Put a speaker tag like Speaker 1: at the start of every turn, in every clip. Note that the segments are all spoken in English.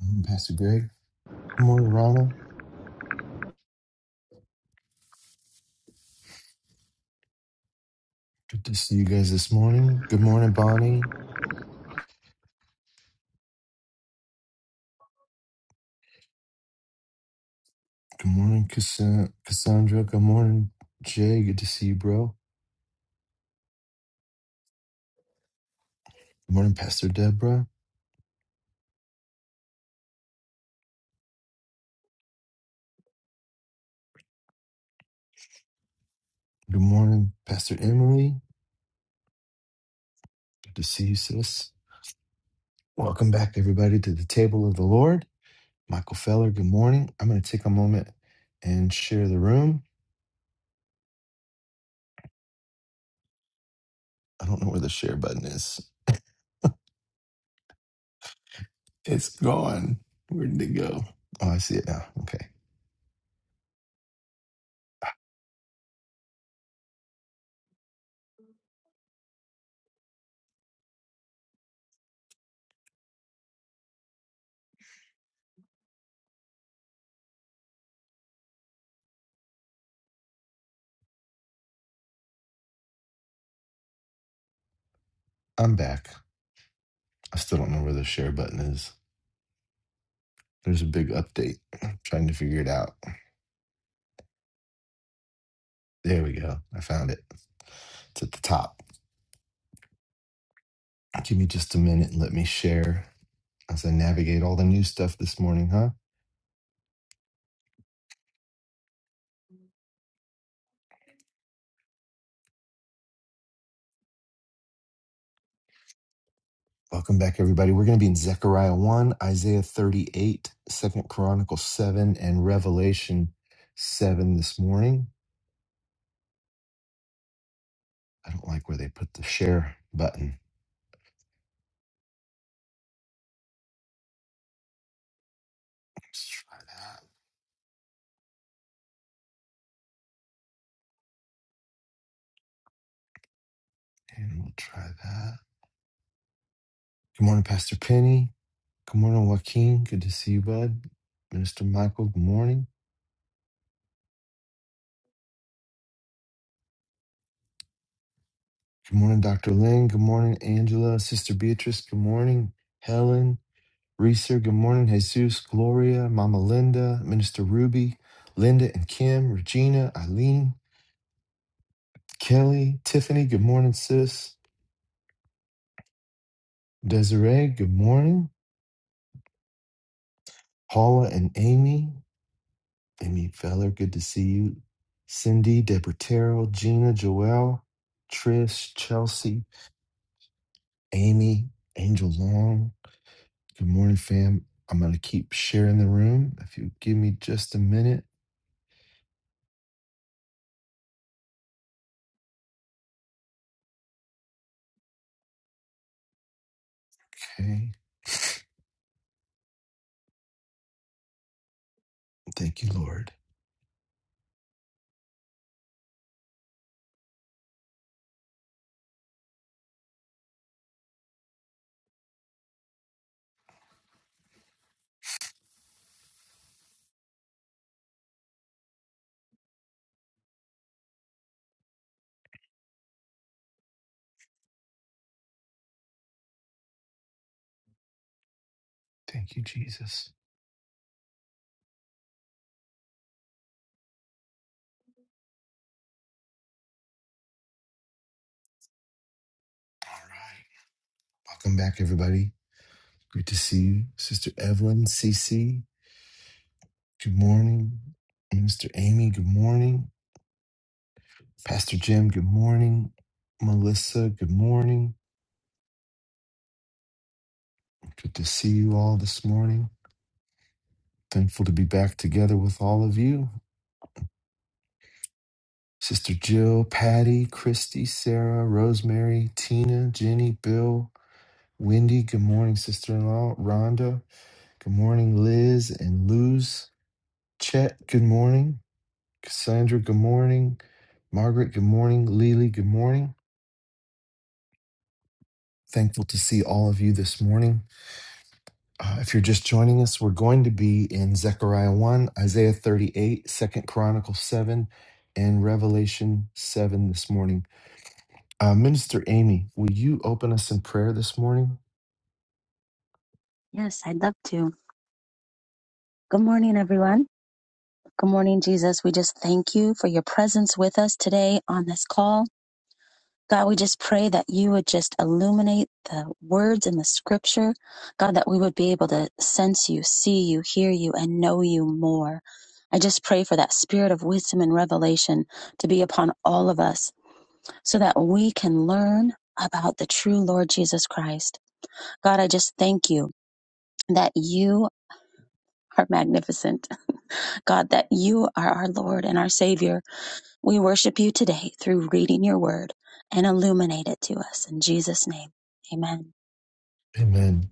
Speaker 1: morning, Pastor Greg. Good morning, Rana. Good to see you guys this morning. Good morning, Bonnie. Good morning, Cassan- Cassandra. Good morning, Jay. Good to see you, bro. Good morning, Pastor Deborah. Good morning, Pastor Emily. Good to see you, sis. Welcome back, everybody, to the table of the Lord. Michael Feller, good morning. I'm going to take a moment and share the room. I don't know where the share button is. It's gone. Where did it go? Oh, I see it now. Okay. I'm back. I still don't know where the share button is. There's a big update. I'm trying to figure it out. There we go. I found it. It's at the top. Give me just a minute and let me share as I navigate all the new stuff this morning, huh? Welcome back, everybody. We're going to be in Zechariah 1, Isaiah 38, Second Chronicles 7, and Revelation 7 this morning. I don't like where they put the share button. Let's try that. And we'll try that. Good morning, Pastor Penny. Good morning, Joaquin. Good to see you, bud. Minister Michael, good morning. Good morning, Dr. Lynn. Good morning, Angela, Sister Beatrice. Good morning, Helen, Reeser. Good morning, Jesus, Gloria, Mama Linda, Minister Ruby, Linda and Kim, Regina, Eileen, Kelly, Tiffany. Good morning, sis. Desiree, good morning. Paula and Amy, Amy Feller, good to see you. Cindy, Deborah Terrell, Gina, Joelle, Trish, Chelsea, Amy, Angel Long. Good morning, fam. I'm going to keep sharing the room. If you give me just a minute. Okay. Thank you, Lord. Thank you, Jesus. All right. Welcome back, everybody. Great to see you. Sister Evelyn, CC, good morning. Mister Amy, good morning. Pastor Jim, good morning. Melissa, good morning. Good to see you all this morning. Thankful to be back together with all of you. Sister Jill, Patty, Christy, Sarah, Rosemary, Tina, Jenny, Bill, Wendy, good morning, sister in law. Rhonda, good morning. Liz and Luz. Chet, good morning. Cassandra, good morning. Margaret, good morning. Lily, good morning. Thankful to see all of you this morning. Uh, if you're just joining us, we're going to be in Zechariah 1, Isaiah 38, Second 2nd Chronicles 7, and Revelation 7 this morning. Uh, Minister Amy, will you open us in prayer this morning?
Speaker 2: Yes, I'd love to. Good morning, everyone. Good morning, Jesus. We just thank you for your presence with us today on this call. God, we just pray that you would just illuminate the words in the scripture. God, that we would be able to sense you, see you, hear you, and know you more. I just pray for that spirit of wisdom and revelation to be upon all of us so that we can learn about the true Lord Jesus Christ. God, I just thank you that you are magnificent God, that you are our Lord and our Savior. We worship you today through reading your word and illuminate it to us. In Jesus' name, amen.
Speaker 1: Amen.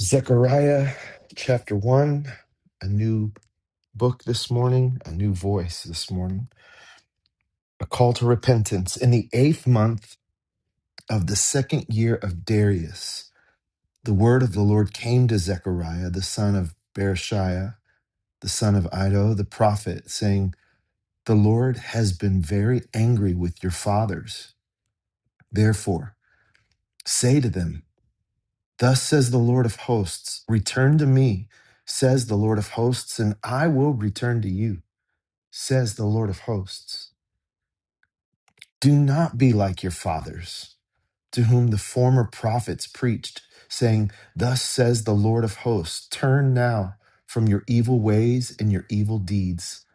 Speaker 1: Zechariah chapter 1, a new book this morning, a new voice this morning, a call to repentance. In the eighth month of the second year of Darius, the word of the Lord came to Zechariah, the son of Berechiah, the son of Iddo the prophet, saying, The Lord has been very angry with your fathers. Therefore, say to them, 'Thus says the Lord of hosts, Return to me, says the Lord of hosts, and I will return to you, says the Lord of hosts. Do not be like your fathers, to whom the former prophets preached, saying, Thus says the Lord of hosts, turn now from your evil ways and your evil deeds.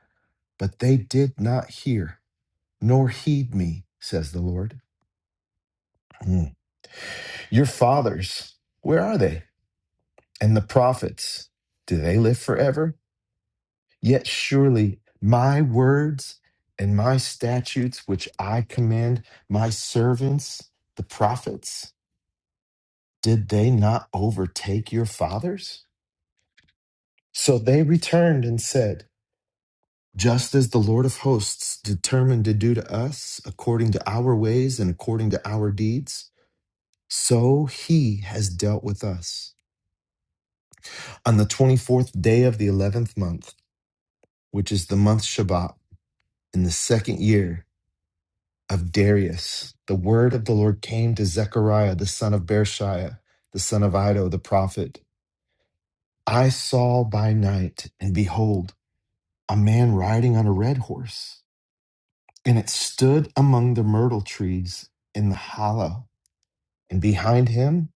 Speaker 1: But they did not hear, nor heed me, says the Lord. Mm. Your fathers, where are they? And the prophets, do they live forever? Yet surely my words and my statutes, which I command my servants, the prophets, Did they not overtake your fathers? So they returned and said, Just as the Lord of hosts determined to do to us, according to our ways and according to our deeds, so he has dealt with us. On the 24th day of the 11th month, which is the month Shabbat, in the second year of Darius, the word of the Lord came to Zechariah, the son of Berechiah, the son of Iddo, the prophet. I saw by night, and behold, a man riding on a red horse, and it stood among the myrtle trees in the hollow. And behind him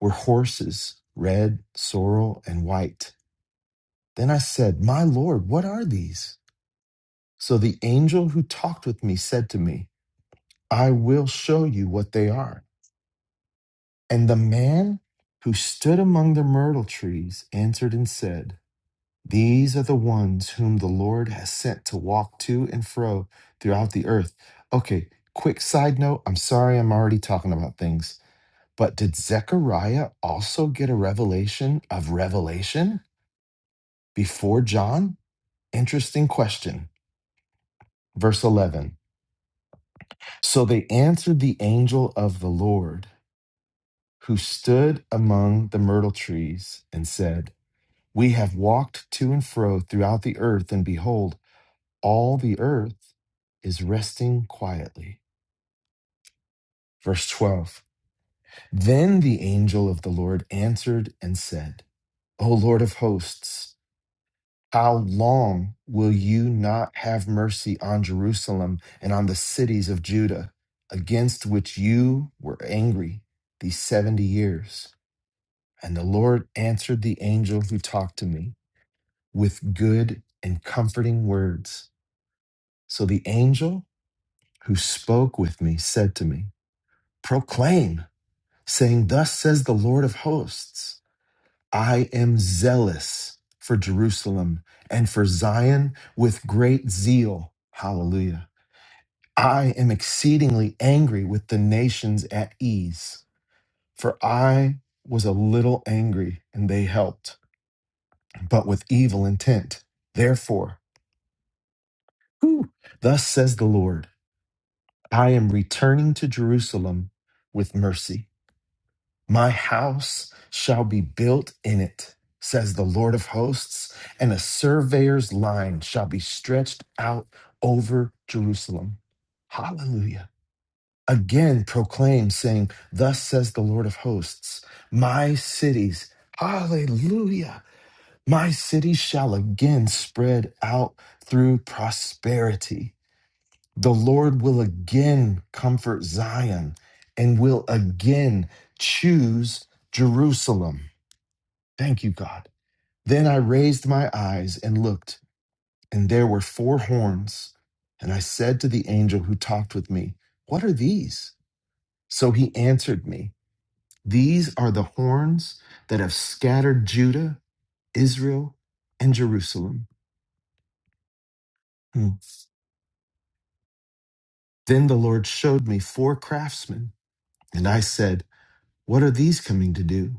Speaker 1: were horses, red, sorrel, and white. Then I said, My Lord, what are these? So the angel who talked with me said to me, I will show you what they are. And the man who stood among the myrtle trees answered and said, These are the ones whom the Lord has sent to walk to and fro throughout the earth. Okay, quick side note. I'm sorry I'm already talking about things, but did Zechariah also get a revelation of Revelation before John? Interesting question. Verse 11. So they answered the angel of the Lord who stood among the myrtle trees and said, We have walked to and fro throughout the earth, and behold, all the earth is resting quietly. Verse 12 Then the angel of the Lord answered and said, O Lord of hosts, how long will you not have mercy on Jerusalem and on the cities of Judah, against which you were angry these 70 years? And the Lord answered the angel who talked to me with good and comforting words. So the angel who spoke with me said to me, proclaim, saying, Thus says the Lord of hosts, I am zealous for Jerusalem and for Zion with great zeal. Hallelujah. I am exceedingly angry with the nations at ease, for I was a little angry and they helped, but with evil intent. Therefore, whew, thus says the Lord, I am returning to Jerusalem with mercy My house shall be built in it, says the Lord of hosts, and a surveyor's line shall be stretched out over Jerusalem. Hallelujah. Again proclaim, saying, Thus says the Lord of hosts, my cities, hallelujah, my cities shall again spread out through prosperity the Lord will again comfort Zion and will again choose Jerusalem. Thank you, God. Then I raised my eyes and looked, and there were four horns. And I said to the angel who talked with me, What are these? So he answered me, These are the horns that have scattered Judah, Israel, and Jerusalem. Hmm. Then the Lord showed me four craftsmen, and I said, What are these coming to do?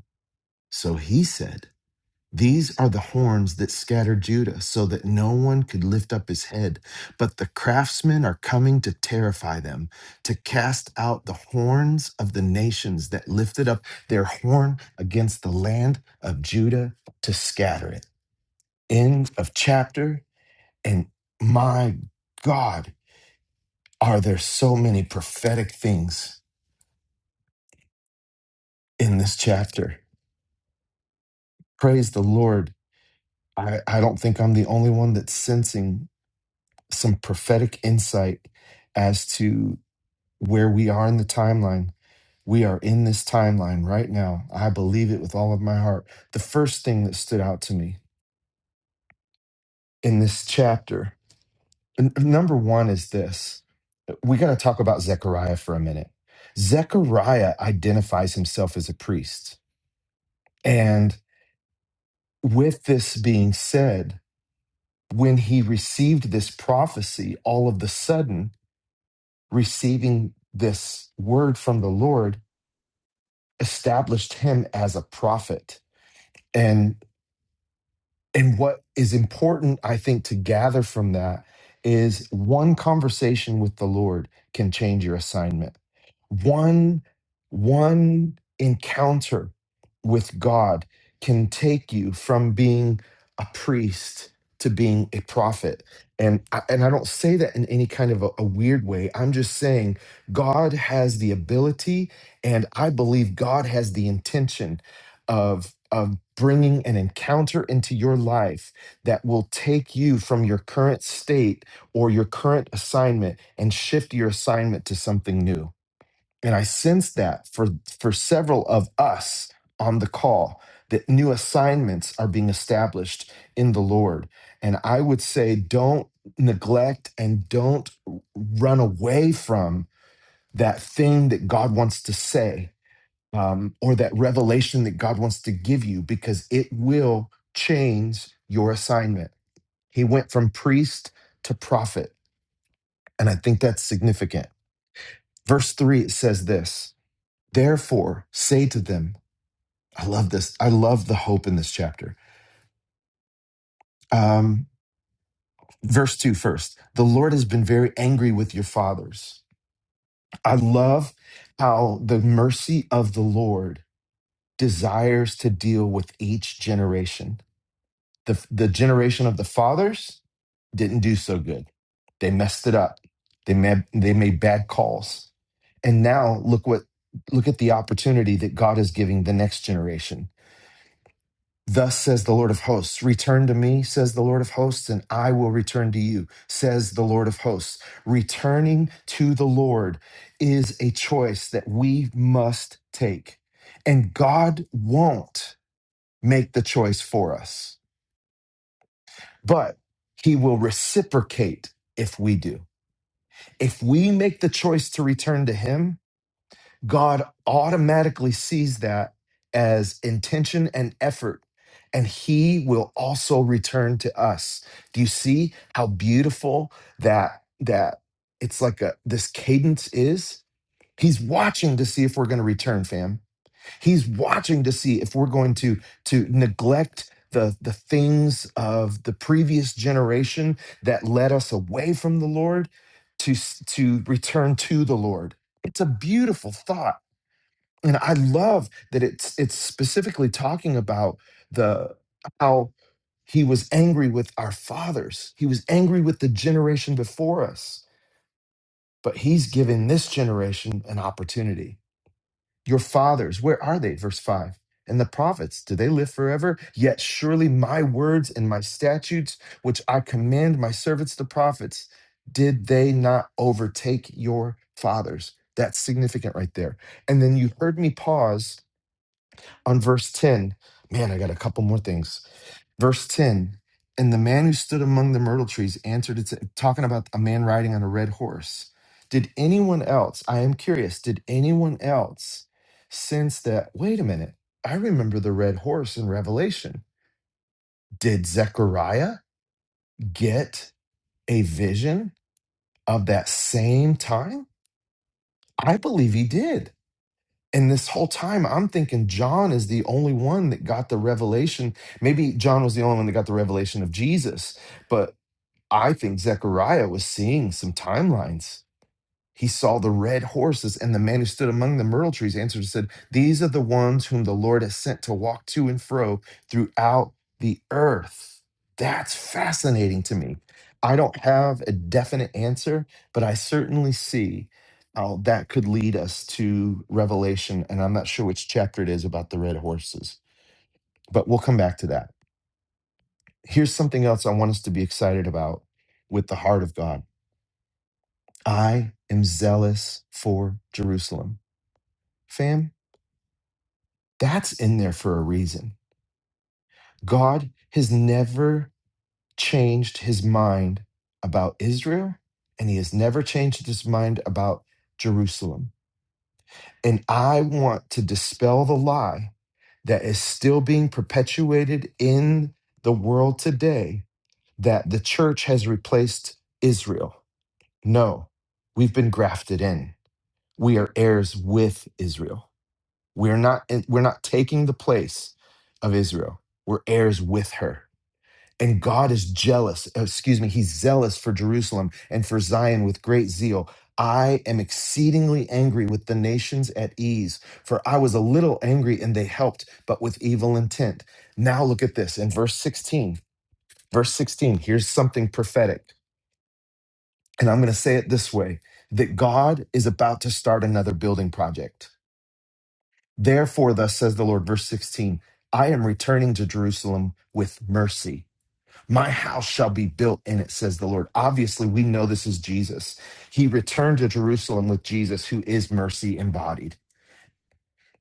Speaker 1: So he said, These are the horns that scattered Judah, so that no one could lift up his head. But the craftsmen are coming to terrify them, to cast out the horns of the nations that lifted up their horn against the land of Judah to scatter it. End of chapter. And my God, are there so many prophetic things in this chapter? Praise the Lord. I, I don't think I'm the only one that's sensing some prophetic insight as to where we are in the timeline. We are in this timeline right now. I believe it with all of my heart. The first thing that stood out to me in this chapter, n- number one, is this. We're going to talk about Zechariah for a minute. Zechariah identifies himself as a priest. And with this being said, when he received this prophecy, all of the sudden, receiving this word from the Lord, established him as a prophet. And and what is important, I think, to gather from that is one conversation with the Lord can change your assignment one one encounter with god can take you from being a priest to being a prophet and I, and i don't say that in any kind of a, a weird way i'm just saying god has the ability and i believe god has the intention of of bringing an encounter into your life that will take you from your current state or your current assignment and shift your assignment to something new and I sensed that for, for several of us on the call, that new assignments are being established in the Lord. And I would say, don't neglect and don't run away from that thing that God wants to say um, or that revelation that God wants to give you because it will change your assignment. He went from priest to prophet. And I think that's significant. Verse three, it says this. Therefore, say to them, I love this. I love the hope in this chapter. Um, verse 2, first, The Lord has been very angry with your fathers. I love how the mercy of the Lord desires to deal with each generation. The, the generation of the fathers didn't do so good. They messed it up. They made, they made bad calls. And now look what look at the opportunity that God is giving the next generation Thus says the Lord of hosts, Return to me, says the Lord of hosts, and I will return to you, says the Lord of hosts. Returning to the Lord is a choice that we must take. And God won't make the choice for us, but He will reciprocate if we do. If we make the choice to return to Him, God automatically sees that as intention and effort, and He will also return to us. Do you see how beautiful that that it's like a this cadence is? He's watching to see if we're going to return, fam. He's watching to see if we're going to to neglect the the things of the previous generation that led us away from the Lord to s- to return to the Lord. It's a beautiful thought and I love that it's it's specifically talking about the how he was angry with our fathers. He was angry with the generation before us. But he's giving this generation an opportunity. Your fathers, where are they? Verse 5. And the prophets, do they live forever? Yet surely my words and my statutes, which I command my servants the prophets, did they not overtake your fathers? That's significant right there. And then you heard me pause on verse 10. Man, I got a couple more things. Verse 10 And the man who stood among the myrtle trees answered, it's talking about a man riding on a red horse. Did anyone else, I am curious, did anyone else sense that, wait a minute, I remember the red horse in Revelation? Did Zechariah get a vision of that same time? I believe he did. And this whole time, I'm thinking John is the only one that got the revelation. Maybe John was the only one that got the revelation of Jesus, but I think Zechariah was seeing some timelines he saw the red horses, and the man who stood among the myrtle trees answered and said, These are the ones whom the Lord has sent to walk to and fro throughout the earth. That's fascinating to me. I don't have a definite answer, but I certainly see how that could lead us to Revelation. And I'm not sure which chapter it is about the red horses, but we'll come back to that. Here's something else I want us to be excited about with the heart of God I am zealous for Jerusalem. fam, that's in there for a reason. God has never changed his mind about Israel, and he has never changed his mind about Jerusalem. And I want to dispel the lie that is still being perpetuated in the world today that the church has replaced Israel. No, we've been grafted in, we are heirs with Israel. We're not we're not taking the place of Israel. We're heirs with her. And God is jealous, uh, excuse me, he's zealous for Jerusalem and for Zion with great zeal. I am exceedingly angry with the nations at ease, for I was a little angry and they helped, but with evil intent. Now look at this in verse 16. Verse 16, here's something prophetic. And I'm going to say it this way that God is about to start another building project Therefore, thus says the Lord, verse 16, I am returning to Jerusalem with mercy. My house shall be built in it, says the Lord. Obviously, we know this is Jesus. He returned to Jerusalem with Jesus, who is mercy embodied.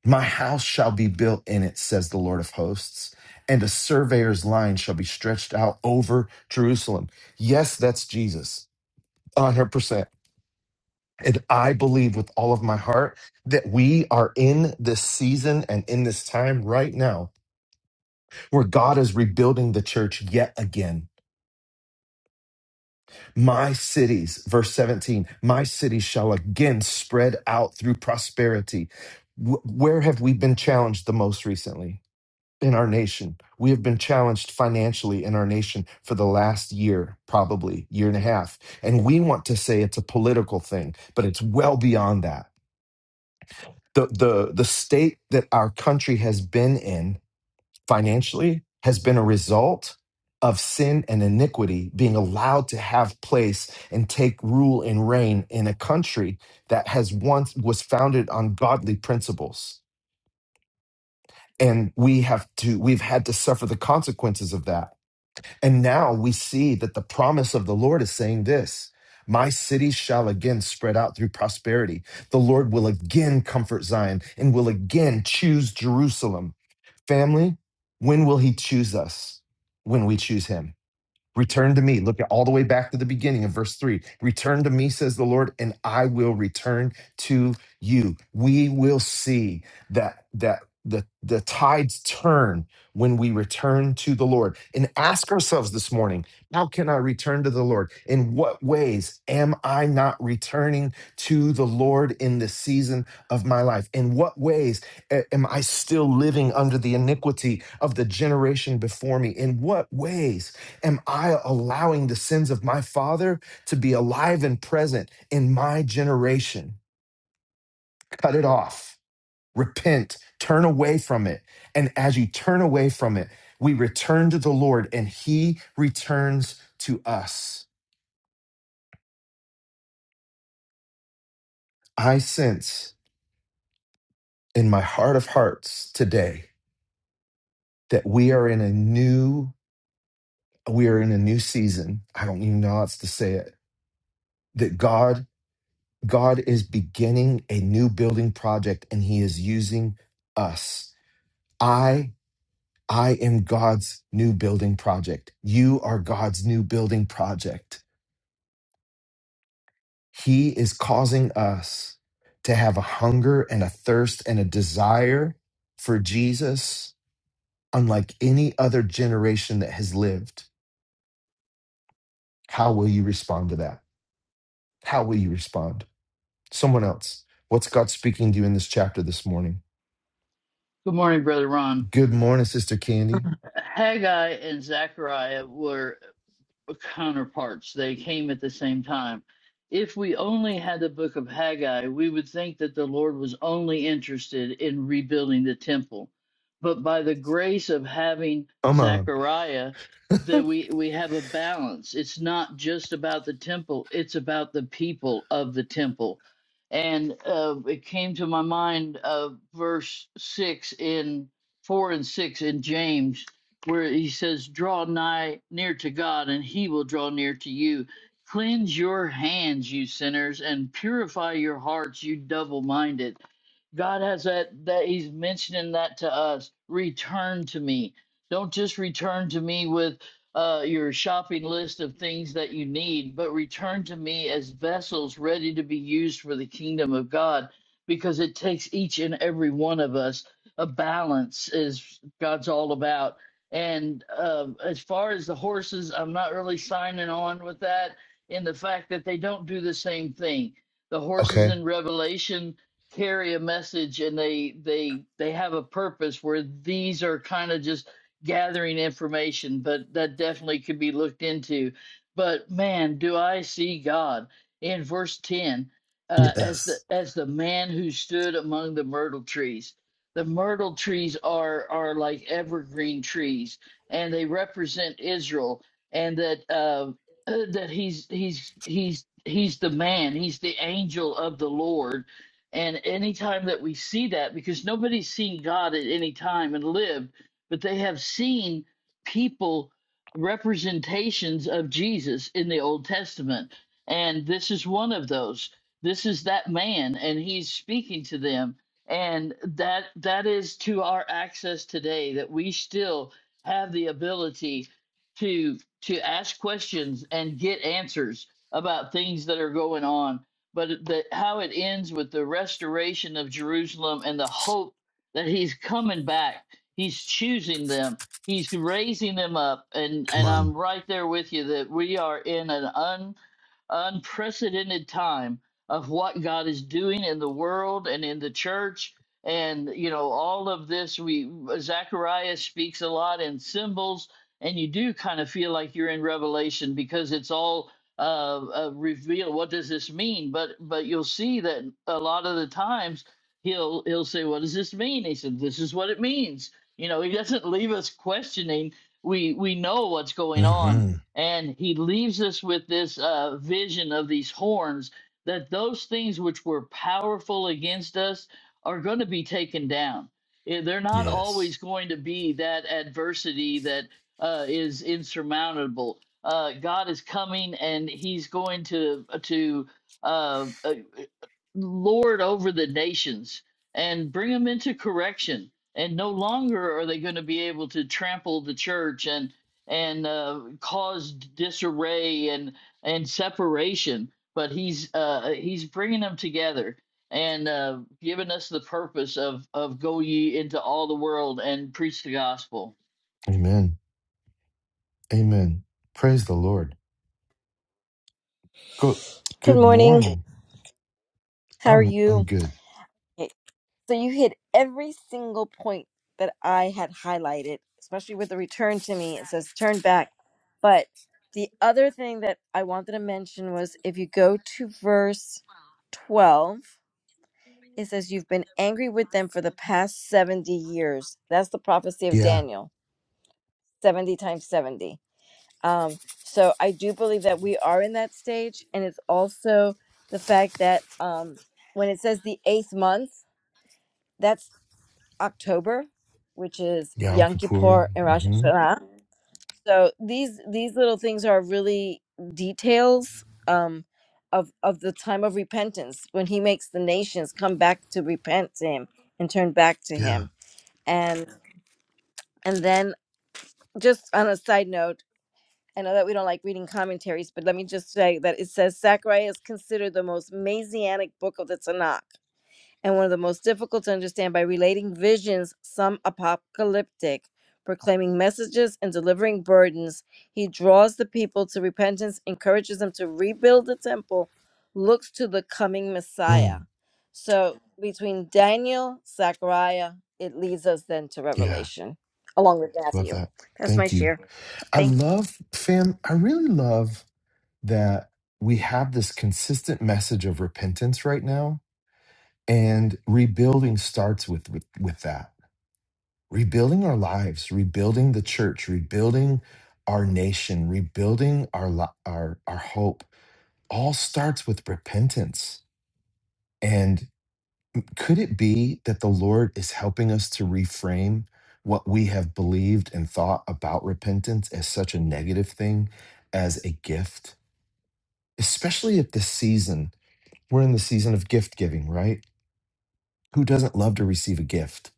Speaker 1: My house shall be built in it, says the Lord of hosts, and a surveyor's line shall be stretched out over Jerusalem. Yes, that's Jesus, 100%. And I believe with all of my heart that we are in this season and in this time right now where God is rebuilding the church yet again. My cities, verse 17, my cities shall again spread out through prosperity. Wh- Where have we been challenged the most recently? In our nation. We have been challenged financially in our nation for the last year, probably year and a half. And we want to say it's a political thing, but it's well beyond that. The, the, the state that our country has been in financially has been a result of sin and iniquity being allowed to have place and take rule and reign in a country that has once was founded on godly principles and we have to we've had to suffer the consequences of that and now we see that the promise of the lord is saying this my city shall again spread out through prosperity the lord will again comfort zion and will again choose jerusalem Family, when will he choose us? When we choose him. Return to me. Look at all the way back to the beginning of verse 3. Return to me, says the Lord, and I will return to you. We will see that that the, the tides turn when we return to the Lord. And ask ourselves this morning, how can I return to the Lord? In what ways am I not returning to the Lord in this season of my life? In what ways a- am I still living under the iniquity of the generation before me? In what ways? Am I allowing the sins of my father to be alive and present in my generation? Cut it off. Repent. Turn away from it. And as you turn away from it, we return to the Lord and he returns to us. I sense in my heart of hearts today that we are in a new we are in a new season. I don't even know how else to say it. That God God is beginning a new building project and he is using us. I I am God's new building project. You are God's new building project. He is causing us to have a hunger and a thirst and a desire for Jesus unlike any other generation that has lived. How will you respond to that? How will you respond? Someone else. What's God speaking to you in this chapter this morning?
Speaker 3: Good morning, Brother Ron.
Speaker 1: Good morning, Sister Candy.
Speaker 4: Good
Speaker 3: Haggai and Zechariah were counterparts. They came at the same time. If we only had the book of Haggai, we would think that the Lord was only interested in rebuilding the temple. But by the grace of having
Speaker 1: Come on.
Speaker 3: Zechariah, that we, we have a balance. It's not just about the temple, it's about the people of the temple. And uh, it came to my mind of verse 6 in 4 and 6 in James where he says, Draw nigh near to God, and he will draw near to you. Cleanse your hands, you sinners, and purify your hearts, you double minded. God has that that He's mentioning that to us. Return to me. Don't just return to me with uh, your shopping list of things that you need, but return to me as vessels ready to be used for the kingdom of God. Because it takes each and every one of us a balance is God's all about. And um, as far as the horses, I'm not really signing on with that in the fact that they don't do the same thing. The horses
Speaker 1: Okay.
Speaker 3: in Revelation carry a message and they they they have a purpose where these are kind of just gathering information but that definitely could be looked into but man do i see god in verse 10 uh, as the
Speaker 1: Yes.
Speaker 3: as the man who stood among the myrtle trees the myrtle trees are are like evergreen trees and they represent israel and that uh uh, that he's he's he's he's the man he's the angel of the lord and anytime that we see that, because nobody's seen God at any time and lived, but they have seen people representations of Jesus in the Old Testament. And this is one of those. This is that man, and he's speaking to them. And that that is to our access today that we still have the ability to to ask questions and get answers about things that are going on but the, how it ends with the restoration of Jerusalem and the hope that he's coming back. He's choosing them. He's raising them up, and
Speaker 1: Come
Speaker 3: and
Speaker 1: on.
Speaker 3: I'm right there with you that we are in an un unprecedented time of what God is doing in the world and in the church. And, you know, all of this, we, Zechariah speaks a lot in symbols, and you do kind of feel like you're in Revelation because it's all uh, uh revealed. What does this mean? But, but you'll see that a lot of the times he'll, he'll say, what does this mean? He said, this is what it means. You know, he doesn't leave us questioning. We, we know what's going on
Speaker 1: hmm
Speaker 3: and he leaves us with this uh, vision of these horns that those things which were powerful against us are going to be taken down. Eh, They're not
Speaker 1: Yes.
Speaker 3: always going to be that adversity that uh, is insurmountable. Uh, God is coming and he's going to to uh, uh, lord over the nations and bring them into correction. And no longer are they going to be able to trample the church and and uh, caused disarray and and separation. But he's uh, he's bringing them together and uh, giving us the purpose of of go ye into all the world and preach the gospel.
Speaker 1: Amen. Amen. Praise the Lord. Good good
Speaker 4: morning.
Speaker 1: morning.
Speaker 4: How are
Speaker 1: I'm I'm
Speaker 4: you?
Speaker 1: good.
Speaker 4: Okay, So you hit every single point that I had highlighted, especially with the return to me. It says turn back. But the other thing that I wanted to mention was if you go to verse 12, it says you've been angry with them for the past 70 years. That's the prophecy of
Speaker 1: Yeah.
Speaker 4: Daniel, 70 times 70. Um, so I do believe that we are in that stage, and it's also the fact that um, when it says the eighth month, that's October, which is
Speaker 1: Yeah, I'm
Speaker 4: Yom
Speaker 1: Kapoor.
Speaker 4: Kippur and Rosh
Speaker 1: hmm
Speaker 4: Hashanah. So these these little things are really details um, of of the time of repentance when He makes the nations come back to repent to Him and turn back to
Speaker 1: Yeah.
Speaker 4: Him, and and then just on a side note I know that we don't like reading commentaries, but let me just say that it says Zechariah is considered the most messianic book of the Tanakh and one of the most difficult to understand by relating visions, some apocalyptic, proclaiming messages and delivering burdens. He draws the people to repentance, encourages them to rebuild the temple, looks to the coming Messiah.
Speaker 1: Mm.
Speaker 4: So between Daniel, Zechariah, it leads us then to
Speaker 1: Yeah.
Speaker 4: Revelation, along with
Speaker 1: Love
Speaker 4: Matthew.
Speaker 1: that.
Speaker 4: That's my
Speaker 1: Thank you.
Speaker 4: share.
Speaker 1: I
Speaker 4: Thank you.
Speaker 1: love, fam, I really love that we have this consistent message of repentance right now. And rebuilding starts with with, with that rebuilding our lives, rebuilding the church, rebuilding our nation, rebuilding our li- our our hope all starts with repentance. And could it be that the Lord is helping us to reframe what we have believed and thought about repentance as such a negative thing as a gift? Especially at this season. We're in the season of gift giving, right? Who doesn't love to receive a gift?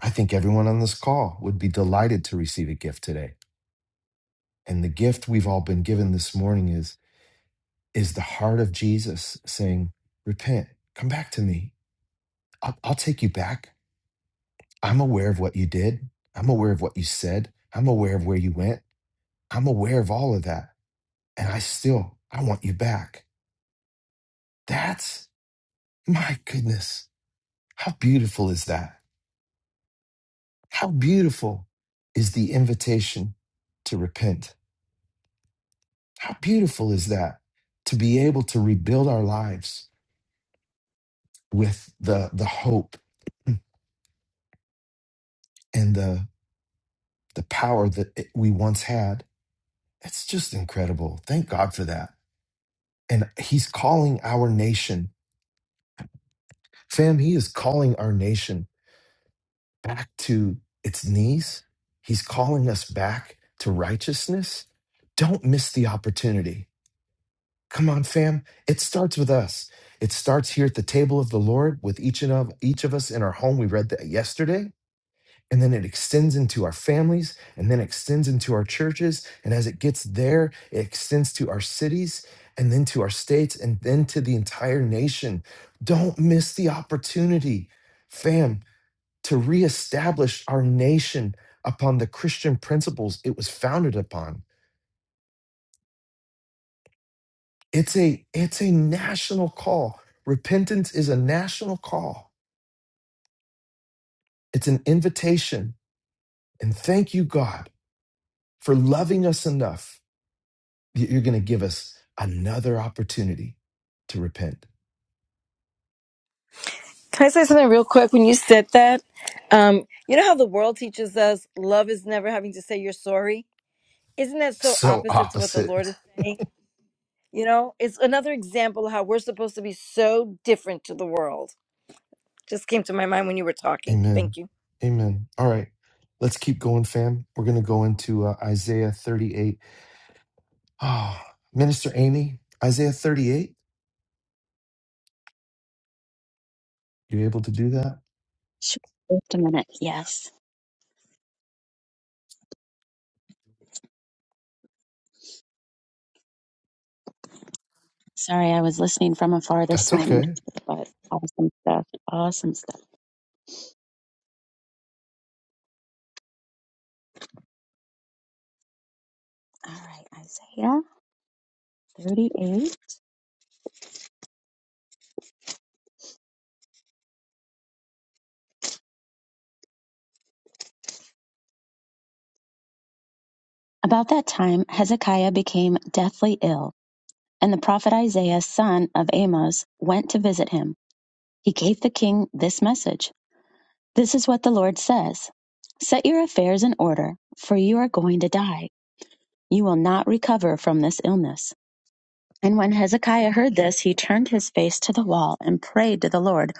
Speaker 1: I think everyone on this call would be delighted to receive a gift today And the gift we've all been given this morning is is the heart of Jesus saying, "Repent, come back to me. I'll, I'll take you back. I'm aware of what you did. I'm aware of what you said. I'm aware of where you went. I'm aware of all of that, and I still I want you back." That's my goodness. How beautiful is that? How beautiful is the invitation to repent? How beautiful is that to be able to rebuild our lives with the the hope and the the power that it, we once had. It's just incredible. Thank God for that. And he's calling our nation, fam. He is calling our nation back to its knees. He's calling us back to righteousness. Don't miss the opportunity. Come on, fam. It starts with us. It starts here at the table of the Lord with each and of each of us in our home. We read that yesterday and then it extends into our families and then extends into our churches and as it gets there it extends to our cities and then to our states and then to the entire nation don't miss the opportunity fam to reestablish our nation upon the christian principles it was founded upon it's a it's a national call repentance is a national call it's an invitation and thank you god for loving us enough You- are going to give us another opportunity to repent.
Speaker 4: Can I say something real quick? When you said that, um, you know how the world teaches us love is never having to say you're sorry? Isn't that so
Speaker 1: So
Speaker 4: opposite to what the
Speaker 1: opposite.
Speaker 4: Lord is saying? You know, it's another example of how we're supposed to be so different to the world. Just came to my mind when you were talking.
Speaker 1: Amen.
Speaker 4: Thank you.
Speaker 1: Amen. All right. Let's keep going, fam. We're going to go into uh, Isaiah 38. Ah, Minister Amy, Isaiah 38. You able to do that?
Speaker 2: Sh- Just a minute. Yes. Sorry, I was listening from afar this
Speaker 1: That's
Speaker 2: morning,
Speaker 1: okay.
Speaker 2: but awesome stuff. Awesome stuff. All right, Isaiah 38. About that time, Hezekiah became deathly ill, and the prophet Isaiah, son of Amos, went to visit him. He gave the king this message. This is what the Lord says Set your affairs in order, for you are going to die. You will not recover from this illness. And when Hezekiah heard this, he turned his face to the wall and prayed to the Lord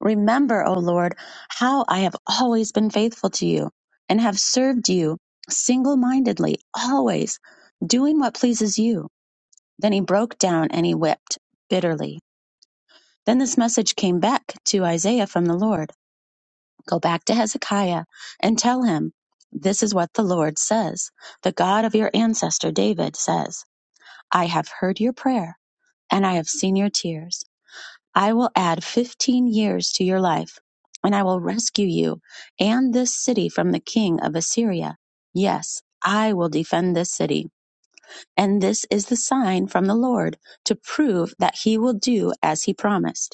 Speaker 2: Remember, O Lord, how I have always been faithful to you and have served you single mindedly, always doing what pleases you. Then he broke down and he wept bitterly. Then this message came back to Isaiah from the Lord. Go back to Hezekiah and tell him, This is what the Lord says. The God of your ancestor David says, I have heard your prayer and I have seen your tears. I will add 15 years to your life and I will rescue you and this city from the king of Assyria. Yes, I will defend this city. And this is the sign from the Lord to prove that he will do as he promised.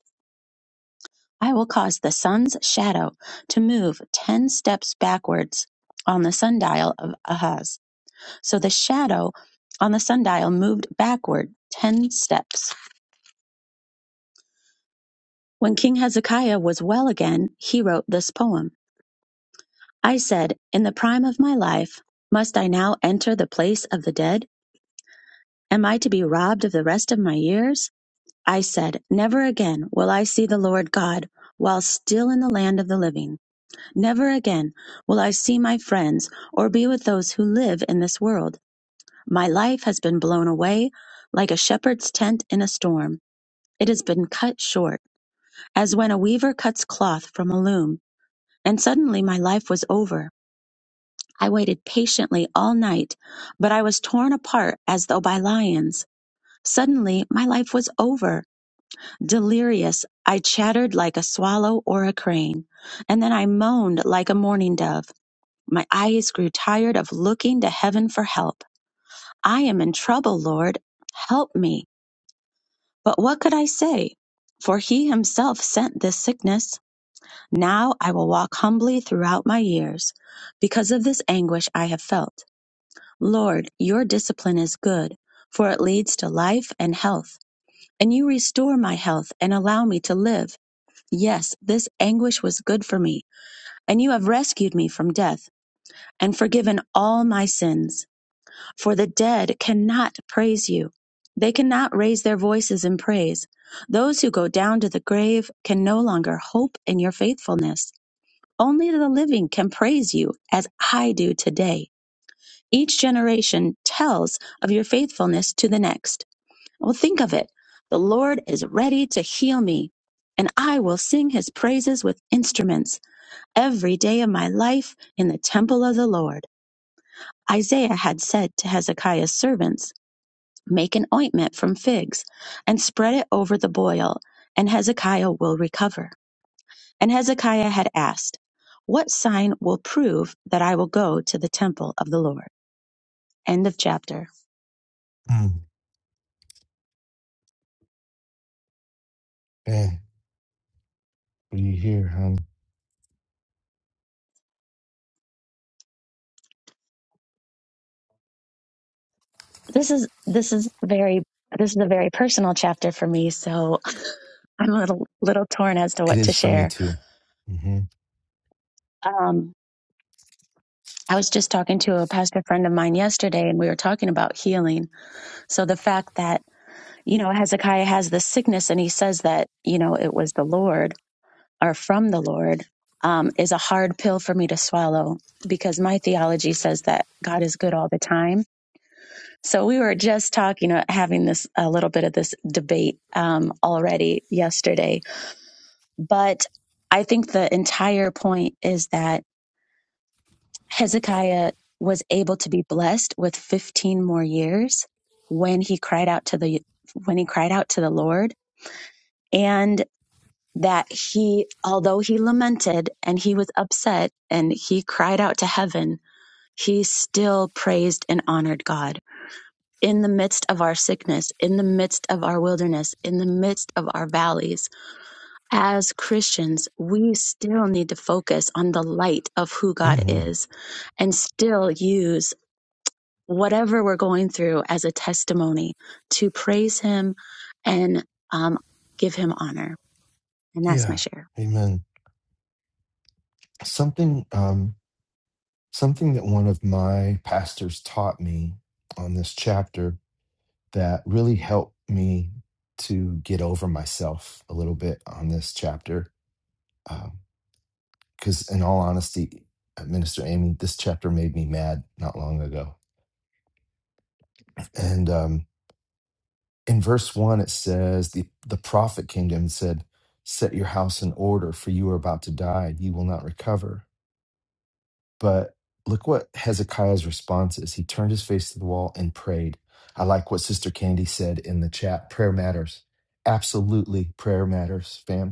Speaker 2: I will cause the sun's shadow to move ten steps backwards on the sundial of Ahaz. So the shadow on the sundial moved backward ten steps. When King Hezekiah was well again, he wrote this poem. I said, In the prime of my life, must I now enter the place of the dead? Am I to be robbed of the rest of my years? I said, Never again will I see the Lord God while still in the land of the living. Never again will I see my friends or be with those who live in this world. My life has been blown away like a shepherd's tent in a storm. It has been cut short, as when a weaver cuts cloth from a loom. And suddenly my life was over. I waited patiently all night, but I was torn apart as though by lions. Suddenly my life was over. Delirious, I chattered like a swallow or a crane, and then I moaned like a mourning dove. My eyes grew tired of looking to heaven for help. I am in trouble, Lord. Help me. But what could I say? For he himself sent this sickness. Now I will walk humbly throughout my years because of this anguish I have felt. Lord, your discipline is good, for it leads to life and health. And you restore my health and allow me to live. Yes, this anguish was good for me, and you have rescued me from death and forgiven all my sins. For the dead cannot praise you. They cannot raise their voices in praise. Those who go down to the grave can no longer hope in your faithfulness. Only the living can praise you as I do today. Each generation tells of your faithfulness to the next. Well, think of it. The Lord is ready to heal me, and I will sing his praises with instruments every day of my life in the temple of the Lord. Isaiah had said to Hezekiah's servants, Make an ointment from figs and spread it over the boil, and Hezekiah will recover. And Hezekiah had asked, What sign will prove that I will go to the temple of the Lord? End of chapter.
Speaker 1: Mm, man, what do you hear, hon?
Speaker 2: This is this is very this is a very personal chapter for me, so I'm a little little torn as to
Speaker 1: It
Speaker 2: what to
Speaker 1: is for me
Speaker 2: share.
Speaker 1: too. hmm
Speaker 2: Um, I was just talking to a pastor friend of mine yesterday, and we were talking about healing. So the fact that you know Hezekiah has this sickness, and he says that you know it was the Lord are from the Lord um, is a hard pill for me to swallow because my theology says that God is good all the time. So we were just talking, uh, having this a little bit of this debate um, already yesterday. But I think the entire point is that Hezekiah was able to be blessed with 15 more years when he cried out to the when he cried out to the Lord. And that he, although he lamented and he was upset and he cried out to heaven, he still praised and honored God in the midst of our sickness, in the midst of our wilderness, in the midst of our valleys. As Christians, we still need to focus on the light of who God
Speaker 1: hmm
Speaker 2: is and still use whatever we're going through as a testimony to praise Him and um, give Him honor. And that's my
Speaker 1: Yeah.
Speaker 2: share.
Speaker 1: Amen. Something, um, something that one of my pastors taught me on this chapter that really helped me to get over myself a little bit on this chapter. Because, in all honesty, uh, Minister Amy, this chapter made me mad not long ago. And um, in verse one, it says, the, the prophet came to him and said, Set your house in order, for you are about to die. You will not recover. But look what Hezekiah's response is. He turned his face to the wall and prayed. I like what Sister Candy said in the chat prayer matters. Absolutely, prayer matters, fam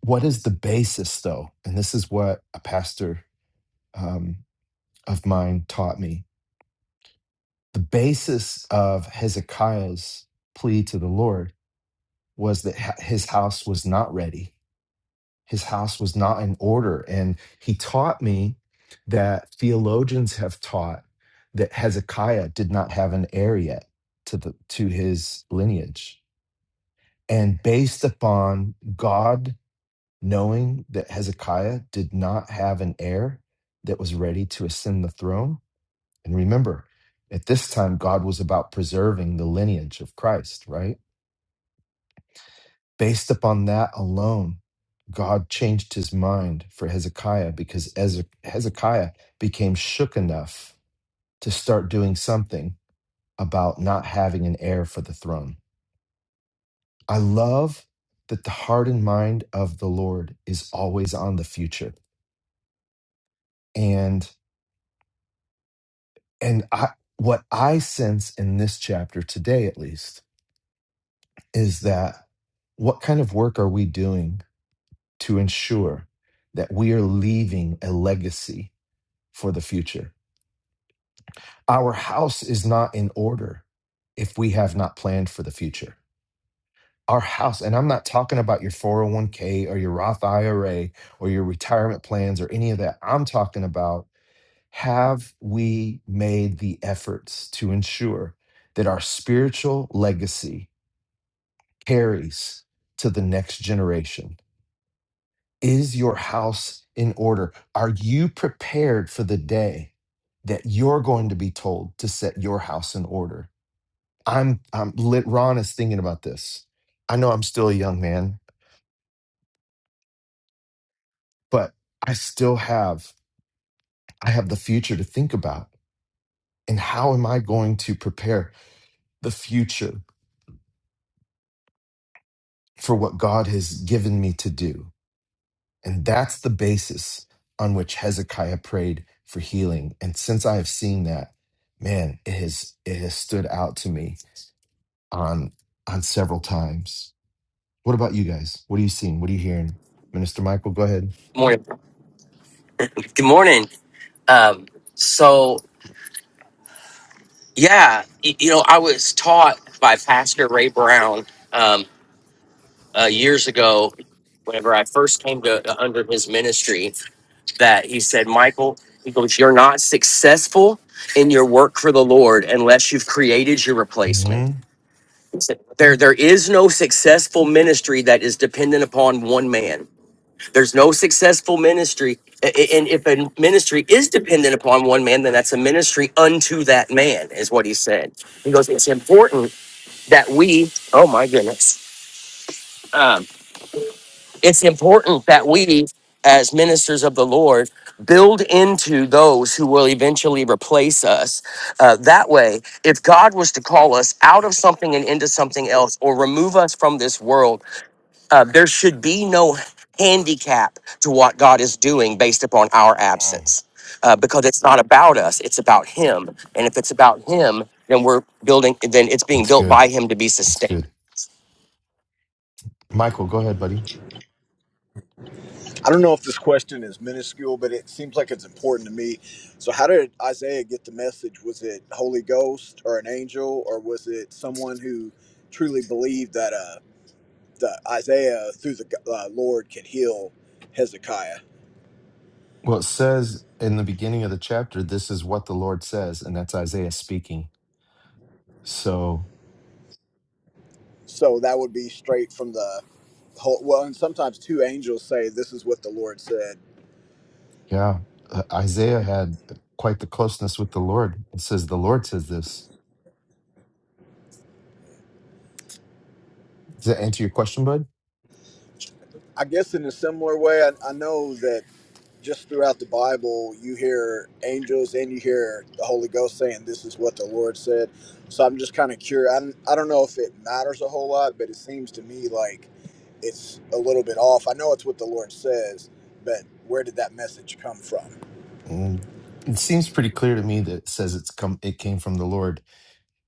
Speaker 1: what is the basis though and this is what a pastor um, of mine taught me the basis of hezekiah's plea to the lord was that ha- his house was not ready his house was not in order and he taught me that theologians have taught that hezekiah did not have an heir yet to the to his lineage and based upon god knowing that Hezekiah did not have an heir that was ready to ascend the throne. And remember, at this time, God was about preserving the lineage of Christ, right? Based upon that alone, God changed his mind for Hezekiah because Eze- Hezekiah became shook enough to start doing something about not having an heir for the throne. I love that the heart and mind of the Lord is always on the future. and. And I, what I sense in this chapter today, at least, is that what kind of work are we doing to ensure that we are leaving a legacy for the future? Our house is not in order if we have not planned for the future. Our house, and I'm not talking about your 401k or your Roth IRA or your retirement plans or any of that. I'm talking about Have we made the efforts to ensure that our spiritual legacy carries to the next generation? Is your house in order? Are you prepared for the day that you're going to be told to set your house in order? I'm, I'm lit. Ron is thinking about this. I know I'm still a young man, but I still have, I have the future to think about. And how am I going to prepare the future for what God has given me to do. And that's the basis on which Hezekiah prayed for healing. And since I have seen that, man, it has it has stood out to me on on several times. What about you guys? What are you seeing? What are you hearing? Minister Michael, go ahead.
Speaker 5: Morning. Good morning. Um, so yeah, y- you know, I was taught by Pastor Ray Brown um, uh, years ago. Whenever I first came to uh, under his ministry, that he said, Michael, he goes, you're not successful in your work for the Lord unless you've created your replacement.
Speaker 1: hmm
Speaker 5: He said, There, there is no successful ministry that is dependent upon one man There's no successful ministry. A- a- And if a ministry is dependent upon one man, then that's a ministry unto that man, is what he said. He goes, It's important that we, oh my goodness, um, it's important that we, as ministers of the Lord, build into those who will eventually replace us. Uh, that way, if God was to call us out of something and into something else, or remove us from this world, uh, there should be no handicap to what God is doing based upon our absence uh, because it's not about us, it's about Him. And if it's about Him, then we're building, then it's being
Speaker 1: That's
Speaker 5: built
Speaker 1: good.
Speaker 5: by Him to be
Speaker 1: That's
Speaker 5: sustained.
Speaker 1: good. Michael, go ahead, buddy.
Speaker 6: I don't know if this question is minuscule, but it seems like it's important to me. So, how did Isaiah get the message? Was it Holy Ghost or an angel, or was it someone who truly believed that uh, the Isaiah through the uh, Lord could heal Hezekiah?
Speaker 1: Well, it says in the beginning of the chapter, this is what the Lord says, and that's Isaiah speaking. So
Speaker 6: So that would be straight from the whole. Well, and sometimes two angels say, "This is what the Lord said."
Speaker 1: Yeah. Uh, Isaiah had quite the closeness with the Lord. It says, The Lord says this. Does that answer your question, bud?
Speaker 6: I guess in a similar way, I, I know that just throughout the Bible, you hear angels and you hear the Holy Ghost saying, "This is what the Lord said." So I'm just kind of curious. I don't, I don't know if it matters a whole lot, but it seems to me like it's a little bit off. I know it's what the Lord says, but where did that message come from?
Speaker 1: Mm. It seems pretty clear to me that it says it's come it came from the Lord.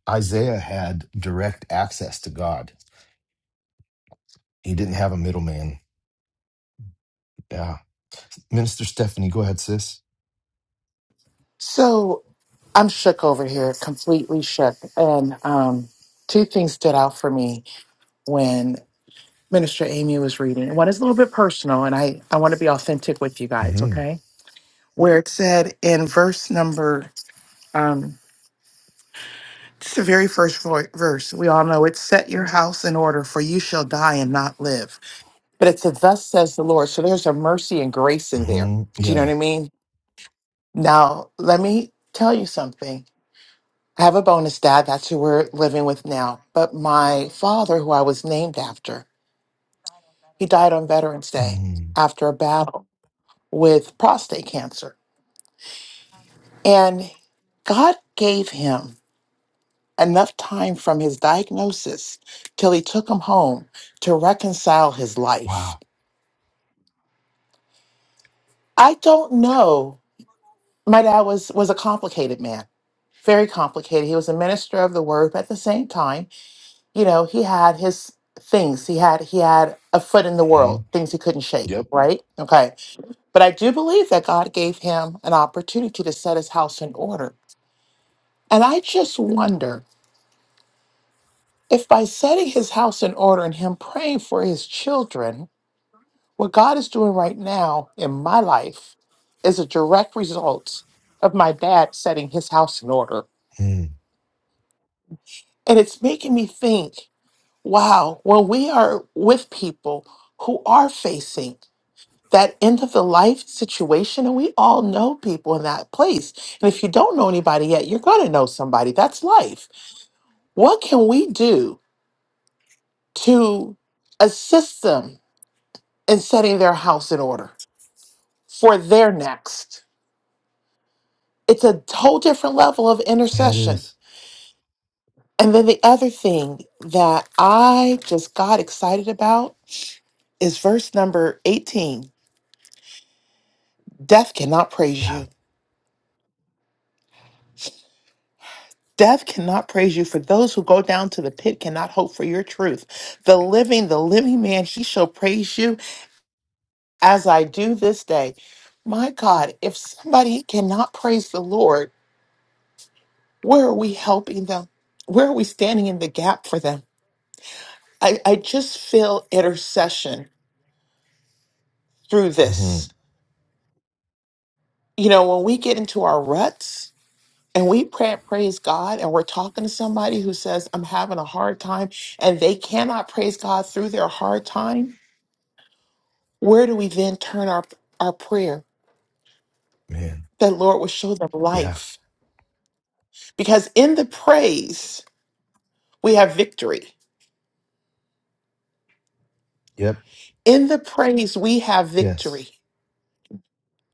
Speaker 1: Isaiah had direct access to God. He didn't have a middleman. Yeah. Minister Stephanie, go ahead, sis.
Speaker 7: So I'm shook over here, completely shook. And um, two things stood out for me when Minister Amy was reading. One is a little bit personal, and I, I want to be authentic with you guys,
Speaker 1: hmm
Speaker 7: okay? Where it said in verse number, um, it's the very first vo- verse. We all know it's set your house in order, for you shall die and not live. But it's a thus says the Lord. So there's a mercy and grace in there.
Speaker 1: hmm
Speaker 7: Do you know
Speaker 1: Yeah.
Speaker 7: what I mean? Now, let me tell you something I have a bonus dad. That's who we're living with now. But my father, who I was named after, he died on Veterans Day
Speaker 1: Mm.
Speaker 7: after a battle with prostate cancer. And God gave him enough time from his diagnosis till he took him home to reconcile his life.
Speaker 1: Wow.
Speaker 7: I don't know. My dad was was a complicated man, very complicated. He was a minister of the word, but at the same time, you know, he had his things. He had he had a foot in the
Speaker 1: hmm
Speaker 7: world, things he couldn't shake,
Speaker 1: Yep.
Speaker 7: right? Okay. But I do believe that God gave him an opportunity to set his house in order. And I just wonder if by setting his house in order and him praying for his children, what God is doing right now in my life is a direct result of my dad setting his house in order.
Speaker 1: Mm.
Speaker 7: And it's making me think, wow, when we are with people who are facing that end of the life situation and we all know people in that place and if you don't know anybody yet you're going to know somebody that's life what can we do to assist them in setting their house in order for their next it's a whole different level of
Speaker 1: Yeah, it
Speaker 7: intercession
Speaker 1: is.
Speaker 7: and then the other thing that i just got excited about is verse number 18 death cannot praise you
Speaker 1: Yeah.
Speaker 7: Death cannot praise you, for those who go down to the pit cannot hope for your truth. The living, the living man, he shall praise you as I do this day. My God, if somebody cannot praise the Lord, where are we helping them? Where are we standing in the gap for them? I, I just feel intercession through
Speaker 1: hmm
Speaker 7: this. You know, when we get into our ruts and we pray, praise God and we're talking to somebody who says, I'm having a hard time and they cannot praise God through their hard time where do we then turn our our prayer
Speaker 1: Man.
Speaker 7: that lord will show them
Speaker 1: Yeah.
Speaker 7: life because in the praise we have victory
Speaker 1: Yep.
Speaker 7: in the praise we have
Speaker 1: Yes.
Speaker 7: victory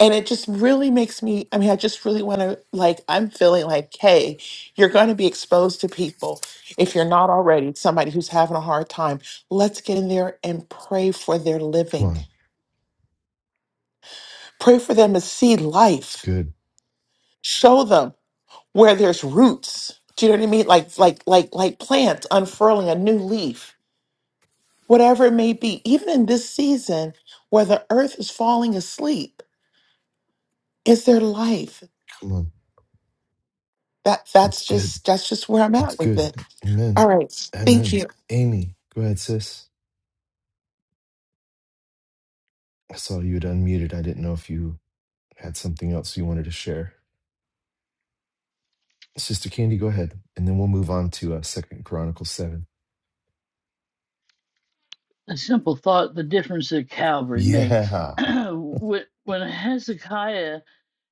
Speaker 7: and it just really makes me i mean i just really want to like i'm feeling like hey you're going to be exposed to people if you're not already somebody who's having a hard time let's get in there and pray for their
Speaker 1: Come
Speaker 7: living
Speaker 1: on.
Speaker 7: pray for them to see
Speaker 1: It's
Speaker 7: life
Speaker 1: good.
Speaker 7: show them where there's roots. Do you know what I mean? Like like like like plants unfurling a new leaf, whatever it may be. Even in this season where the earth is falling asleep, is there life?
Speaker 1: Come on.
Speaker 7: That
Speaker 1: That's
Speaker 7: that's
Speaker 1: good.
Speaker 7: just that's just where I'm
Speaker 1: It's
Speaker 7: at with
Speaker 1: good.
Speaker 7: it.
Speaker 1: Amen.
Speaker 7: All right. Thank
Speaker 1: Amen.
Speaker 7: you.
Speaker 1: Amy, go ahead, sis. I saw you had unmuted. I didn't know if you had something else you wanted to share. Sister Candy, go ahead, and then we'll move on to uh, Second Chronicles seven.
Speaker 3: A simple thought: the difference that Calvary makes.
Speaker 1: Yeah.
Speaker 3: when when Hezekiah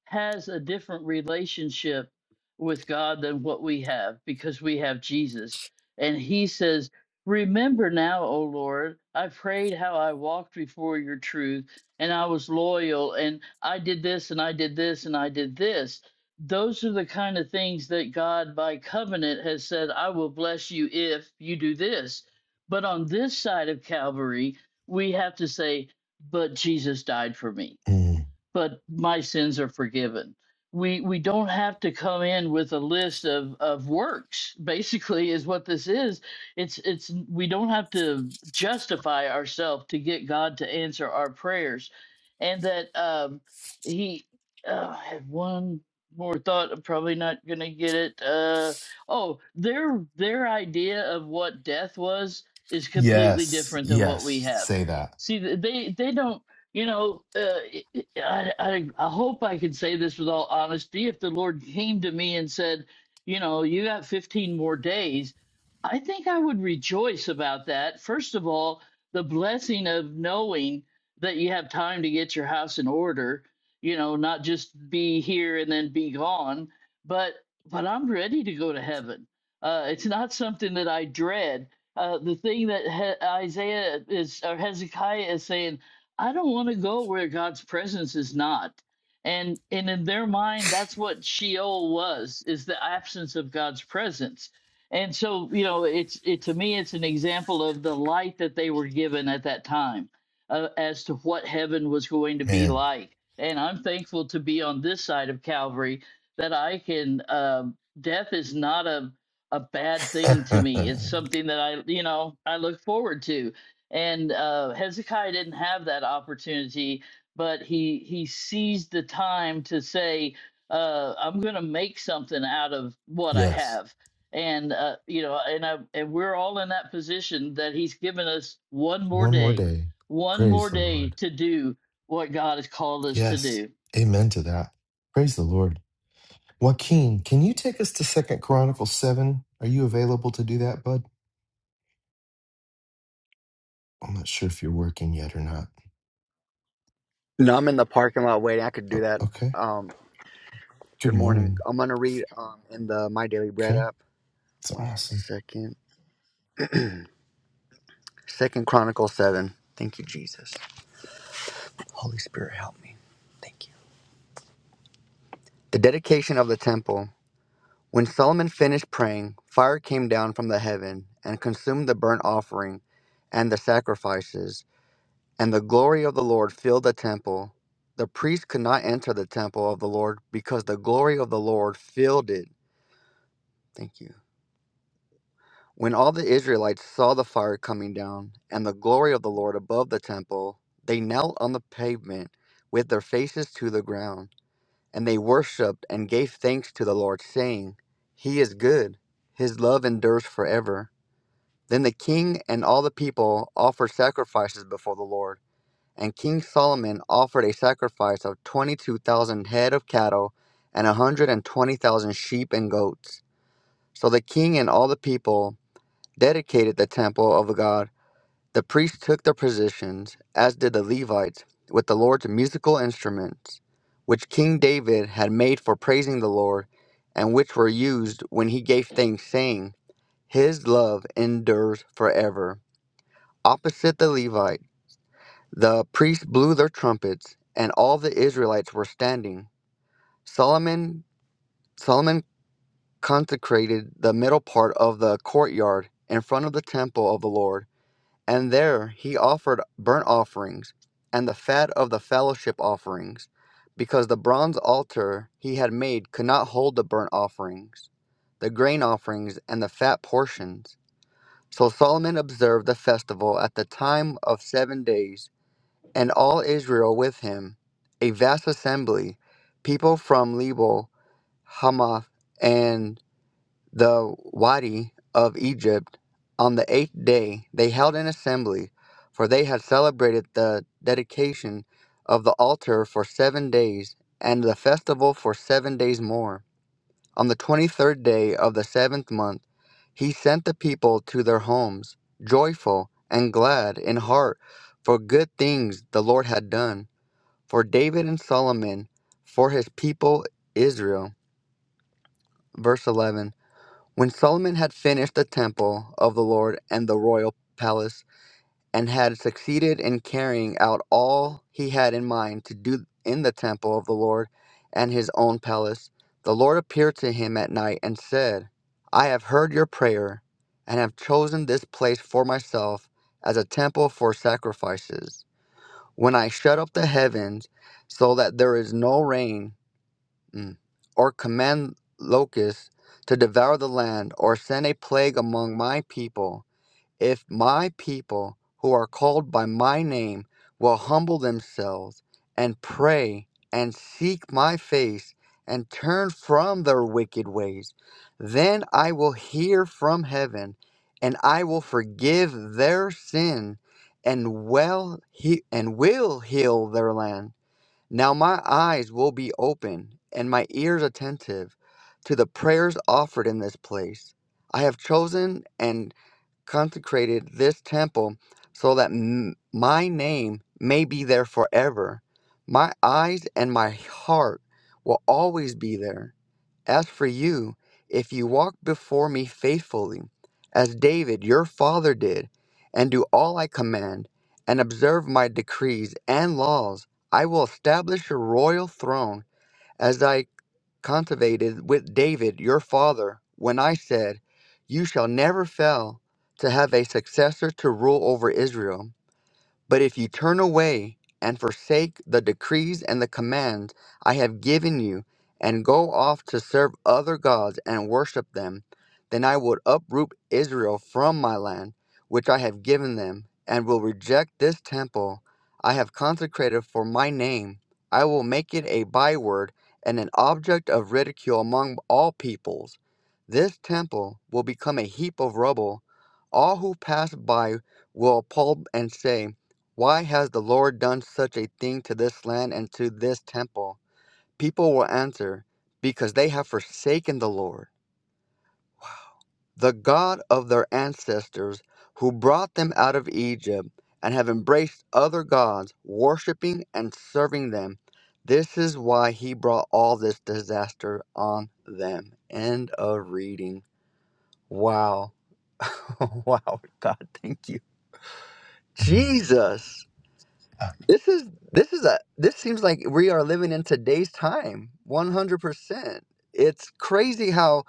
Speaker 3: has a different relationship with God than what we have because we have Jesus. And he says, Remember now, O Lord, I prayed how I walked before your truth and I was loyal and I did this and I did this and I did this. Those are the kind of things that God by covenant has said, I will bless you if you do this. But on this side of Calvary, we have to say, But Jesus died for me
Speaker 1: Mm.
Speaker 3: but my sins are forgiven. We we don't have to come in with a list of of works. Basically, is what this is. It's it's we don't have to justify ourselves to get God to answer our prayers, and that um, He uh, I had one more thought. I'm probably not gonna get it. Uh, oh, their their idea of what death was is completely
Speaker 1: Yes.
Speaker 3: different than what we
Speaker 1: Yes.
Speaker 3: have.
Speaker 1: Say that,
Speaker 3: See, th- they they don't you know, uh, I, I, I hope I can say this with all honesty. If the Lord came to me and said, you know, you got 15 more days, I think I would rejoice about that. First of all, the blessing of knowing that you have time to get your house in order, you know, not just be here and then be gone, but but I'm ready to go to heaven. Uh, it's not something that I dread. Uh, the thing that he- Isaiah is or Hezekiah is saying I don't want to go where God's presence is not. And and in their mind, that's what Sheol was, is the absence of God's presence. And so, you know, it's it to me, it's an example of the light that they were given at that time uh, as to what heaven was going to be
Speaker 1: man.
Speaker 3: like. And I'm thankful to be on this side of Calvary that I can. Um, death is not a a bad thing to me. It's something that I, you know, I look forward to and uh, Hezekiah didn't have that opportunity, but he he seized the time to say, uh, "I'm going to make something out of what I
Speaker 1: yes.
Speaker 3: have." And uh, you know, and I, and we're all in that position that He's given us one more
Speaker 1: One more
Speaker 3: day,
Speaker 1: day.
Speaker 3: one more
Speaker 1: Praise the
Speaker 3: day
Speaker 1: Lord.
Speaker 3: to do what God has called us to
Speaker 1: Yes.
Speaker 3: do.
Speaker 1: Amen to that. Praise the Lord. Joaquin, can you take us to Second Chronicles seven? Are you available to do that, bud? I'm not sure if you're working yet or not.
Speaker 8: No, I'm in the parking lot waiting. I could do
Speaker 1: O-
Speaker 8: that.
Speaker 1: okay.
Speaker 8: Um,
Speaker 1: Good
Speaker 8: good morning.
Speaker 1: morning.
Speaker 8: I'm gonna read um in the My Daily Bread
Speaker 1: Okay.
Speaker 8: app.
Speaker 1: It's
Speaker 8: One
Speaker 1: awesome.
Speaker 8: second. Second Chronicles seven. Thank you, Jesus. Holy Spirit, help me. Thank you. The dedication of the temple. When Solomon finished praying, fire came down from the heaven and consumed the burnt offering and the sacrifices, and the glory of the Lord filled the temple. The priests could not enter the temple of the Lord because the glory of the Lord filled it. Thank you. When all the Israelites saw the fire coming down and the glory of the Lord above the temple, they knelt on the pavement with their faces to the ground, and they worshipped and gave thanks to the Lord, saying, He is good, His love endures forever. Then the king and all the people offered sacrifices before the Lord, and King Solomon offered a sacrifice of 22,000 head of cattle and a 120,000 sheep and goats. So the king and all the people dedicated the temple of the God, the priests took their positions, as did the Levites, with the Lord's musical instruments, which King David had made for praising the Lord, and which were used when he gave thanks, saying, His love endures forever. Opposite the Levite, the priests blew their trumpets, and all the Israelites were standing. Solomon Solomon consecrated the middle part of the courtyard in front of the temple of the Lord And there he offered burnt offerings and the fat of the fellowship offerings, because the bronze altar he had made could not hold the burnt offerings, the grain offerings, and the fat portions. So Solomon observed the festival at the time of seven days, and all Israel with him, a vast assembly, people from Lebo, Hamath, and the Wadi of Egypt, on the eighth day they held an assembly, for they had celebrated the dedication of the altar for seven days, and the festival for seven days more. On the twenty third day of the seventh month, he sent the people to their homes, joyful and glad in heart, for good things the Lord had done, for David and Solomon, for his people Israel. Verse 11. When Solomon had finished the temple of the Lord and the royal palace, and had succeeded in carrying out all he had in mind to do in the temple of the Lord and his own palace, the Lord appeared to him at night and said, I have heard your prayer, and have chosen this place for myself as a temple for sacrifices. When I shut up the heavens so that there is no rain, mm, or command locusts to devour the land, or send a plague among my people, if my people who are called by my name will humble themselves and pray and seek my face and turn from their wicked ways, then I will hear from heaven and I will forgive their sin and well he- and will heal their land. Now my eyes will be open and my ears attentive to the prayers offered in this place. I have chosen and consecrated this temple so that m- my name may be there forever. My eyes and my heart will always be there. As for you, if you walk before me faithfully, as David your father did, and do all I command, and observe my decrees and laws, I will establish your royal throne as I cultivated with David your father when I said, You shall never fail to have a successor to rule over Israel. But if you turn away and forsake the decrees and the commands I have given you, and go off to serve other gods and worship them, then I will uproot Israel from my land, which I have given them, and will reject this temple I have consecrated for my name. I will make it a byword and an object of ridicule among all peoples. This temple will become a heap of rubble. All who pass by will appalled and say, why has the Lord done such a thing to this land and to this temple? People will answer, Because they have forsaken the Lord, the God of their ancestors, who brought them out of Egypt, and have embraced other gods, worshipping and serving them. This is why he brought all this disaster on them. End of reading. Wow. wow, God, thank you.
Speaker 1: Mhm.
Speaker 8: Jesus.
Speaker 1: Ah,
Speaker 8: This is this is a this seems like we are living in today's time, one hundred percent. It's crazy how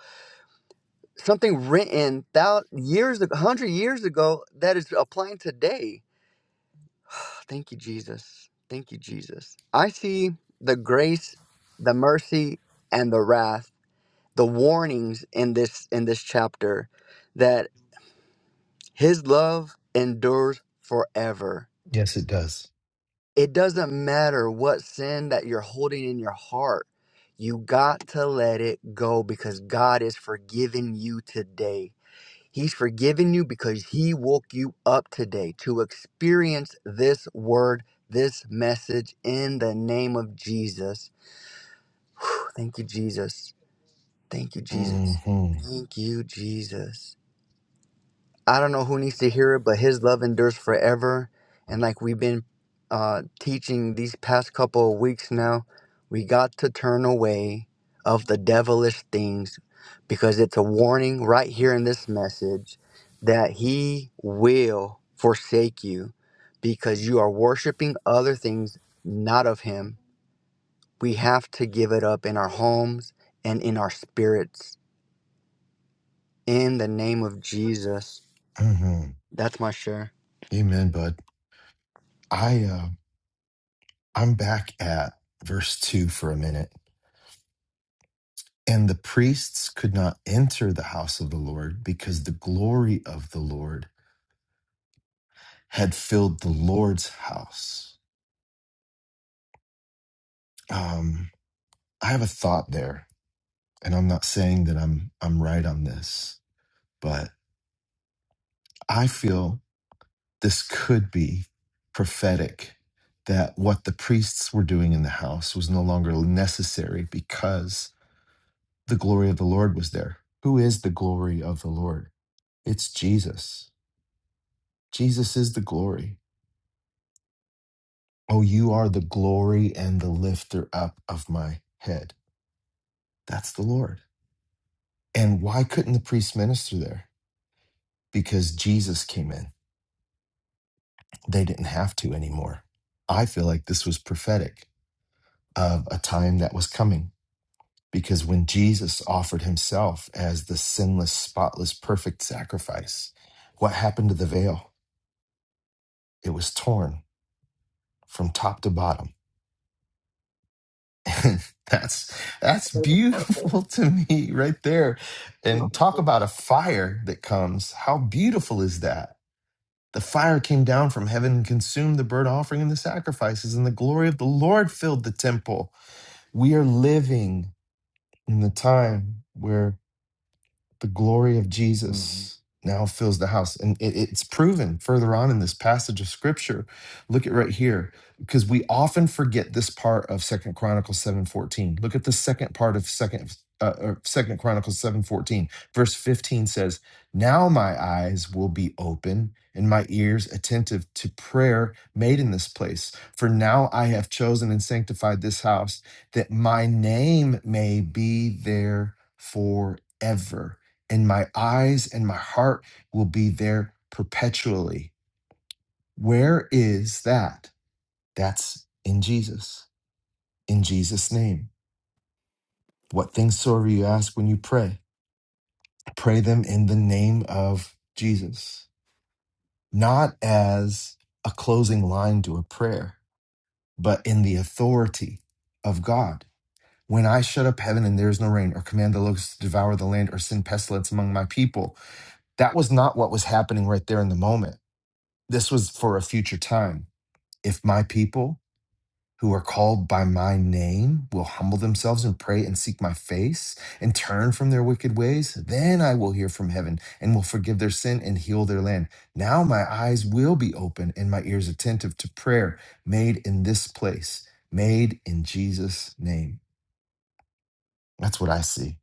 Speaker 8: something written thou years hundred years ago that is applying today. Thank you, Jesus. Thank you, Jesus. I see the grace, the mercy, and the wrath, the warnings in this in this chapter that His love endures forever
Speaker 1: yes, it does.
Speaker 8: It doesn't matter what sin that you're holding in your heart. You got to let it go because God is forgiving you today. He's forgiven you because He woke you up today to experience this word, this message in the name of Jesus. Whew, Thank you, Jesus. Thank you, Jesus.
Speaker 1: Mm-hmm.
Speaker 8: Thank you, Jesus. I don't know who needs to hear it, but his love endures forever. And like we've been uh, teaching these past couple of weeks now, we got to turn away of the devilish things because it's a warning right here in this message that he will forsake you because you are worshiping other things not of him. We have to give it up in our homes and in our spirits in the name of Jesus.
Speaker 1: hmm
Speaker 8: That's my share.
Speaker 1: Amen, bud. I uh, I'm back at verse two for a minute. And the priests could not enter the house of the Lord because the glory of the Lord had filled the Lord's house. Um, I have a thought there, and I'm not saying that I'm I'm right on this, but I feel this could be prophetic that what the priests were doing in the house was no longer necessary because the glory of the Lord was there. Who is the glory of the Lord? It's Jesus. Jesus is the glory. Oh, you are the glory and the lifter up of my head. That's the Lord. And why couldn't the priest minister there? Because Jesus came in. They didn't have to anymore. I feel like this was prophetic of a time that was coming because when Jesus offered himself as the sinless, spotless, perfect sacrifice, what happened to the veil? It was torn from top to bottom. And that's that's beautiful to me right there. And talk
Speaker 9: Good
Speaker 1: about a fire that comes. How beautiful is that? The fire came down from heaven and consumed the burnt offering and the sacrifices, and the glory of the Lord filled the temple. We are living in the time where the glory of Jesus now fills the house. And it- it's proven further on in this passage of scripture. Look at right here, because we often forget this part of Second Chronicles 7:14. Look at the second part of second uh, or second Chronicles 7:14. Verse 15 says, Now my eyes will be open and my ears attentive to prayer made in this place. For now I have chosen and sanctified this house that my name may be there forever and my eyes and my heart will be there perpetually. Where is that? That's in Jesus, in Jesus' name. What things soever you ask when you pray, pray them in the name of Jesus, not as a closing line to a prayer, but in the authority of God. When I shut up heaven and there is no rain, or command the locusts to devour the land, or send pestilence among my people, that was not what was happening right there in the moment This was for a future time. If my people who are called by my name will humble themselves and pray and seek my face and turn from their wicked ways, then I will hear from heaven and will forgive their sin and heal their land. Now my eyes will be open and my ears attentive to prayer made in this place, made in Jesus' name. That's what I see.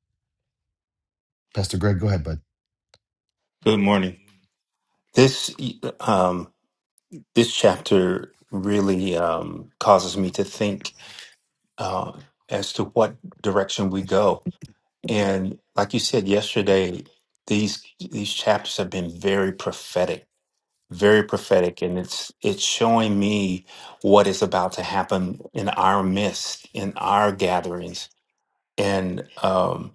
Speaker 1: Pastor Greg, go ahead, bud.
Speaker 9: morning. This um, this chapter really um, causes me to think uh, as to what direction we go. And like you said yesterday, these these chapters have been very prophetic, very prophetic, and it's it's showing me what is about to happen in our midst, in our gatherings, and. um,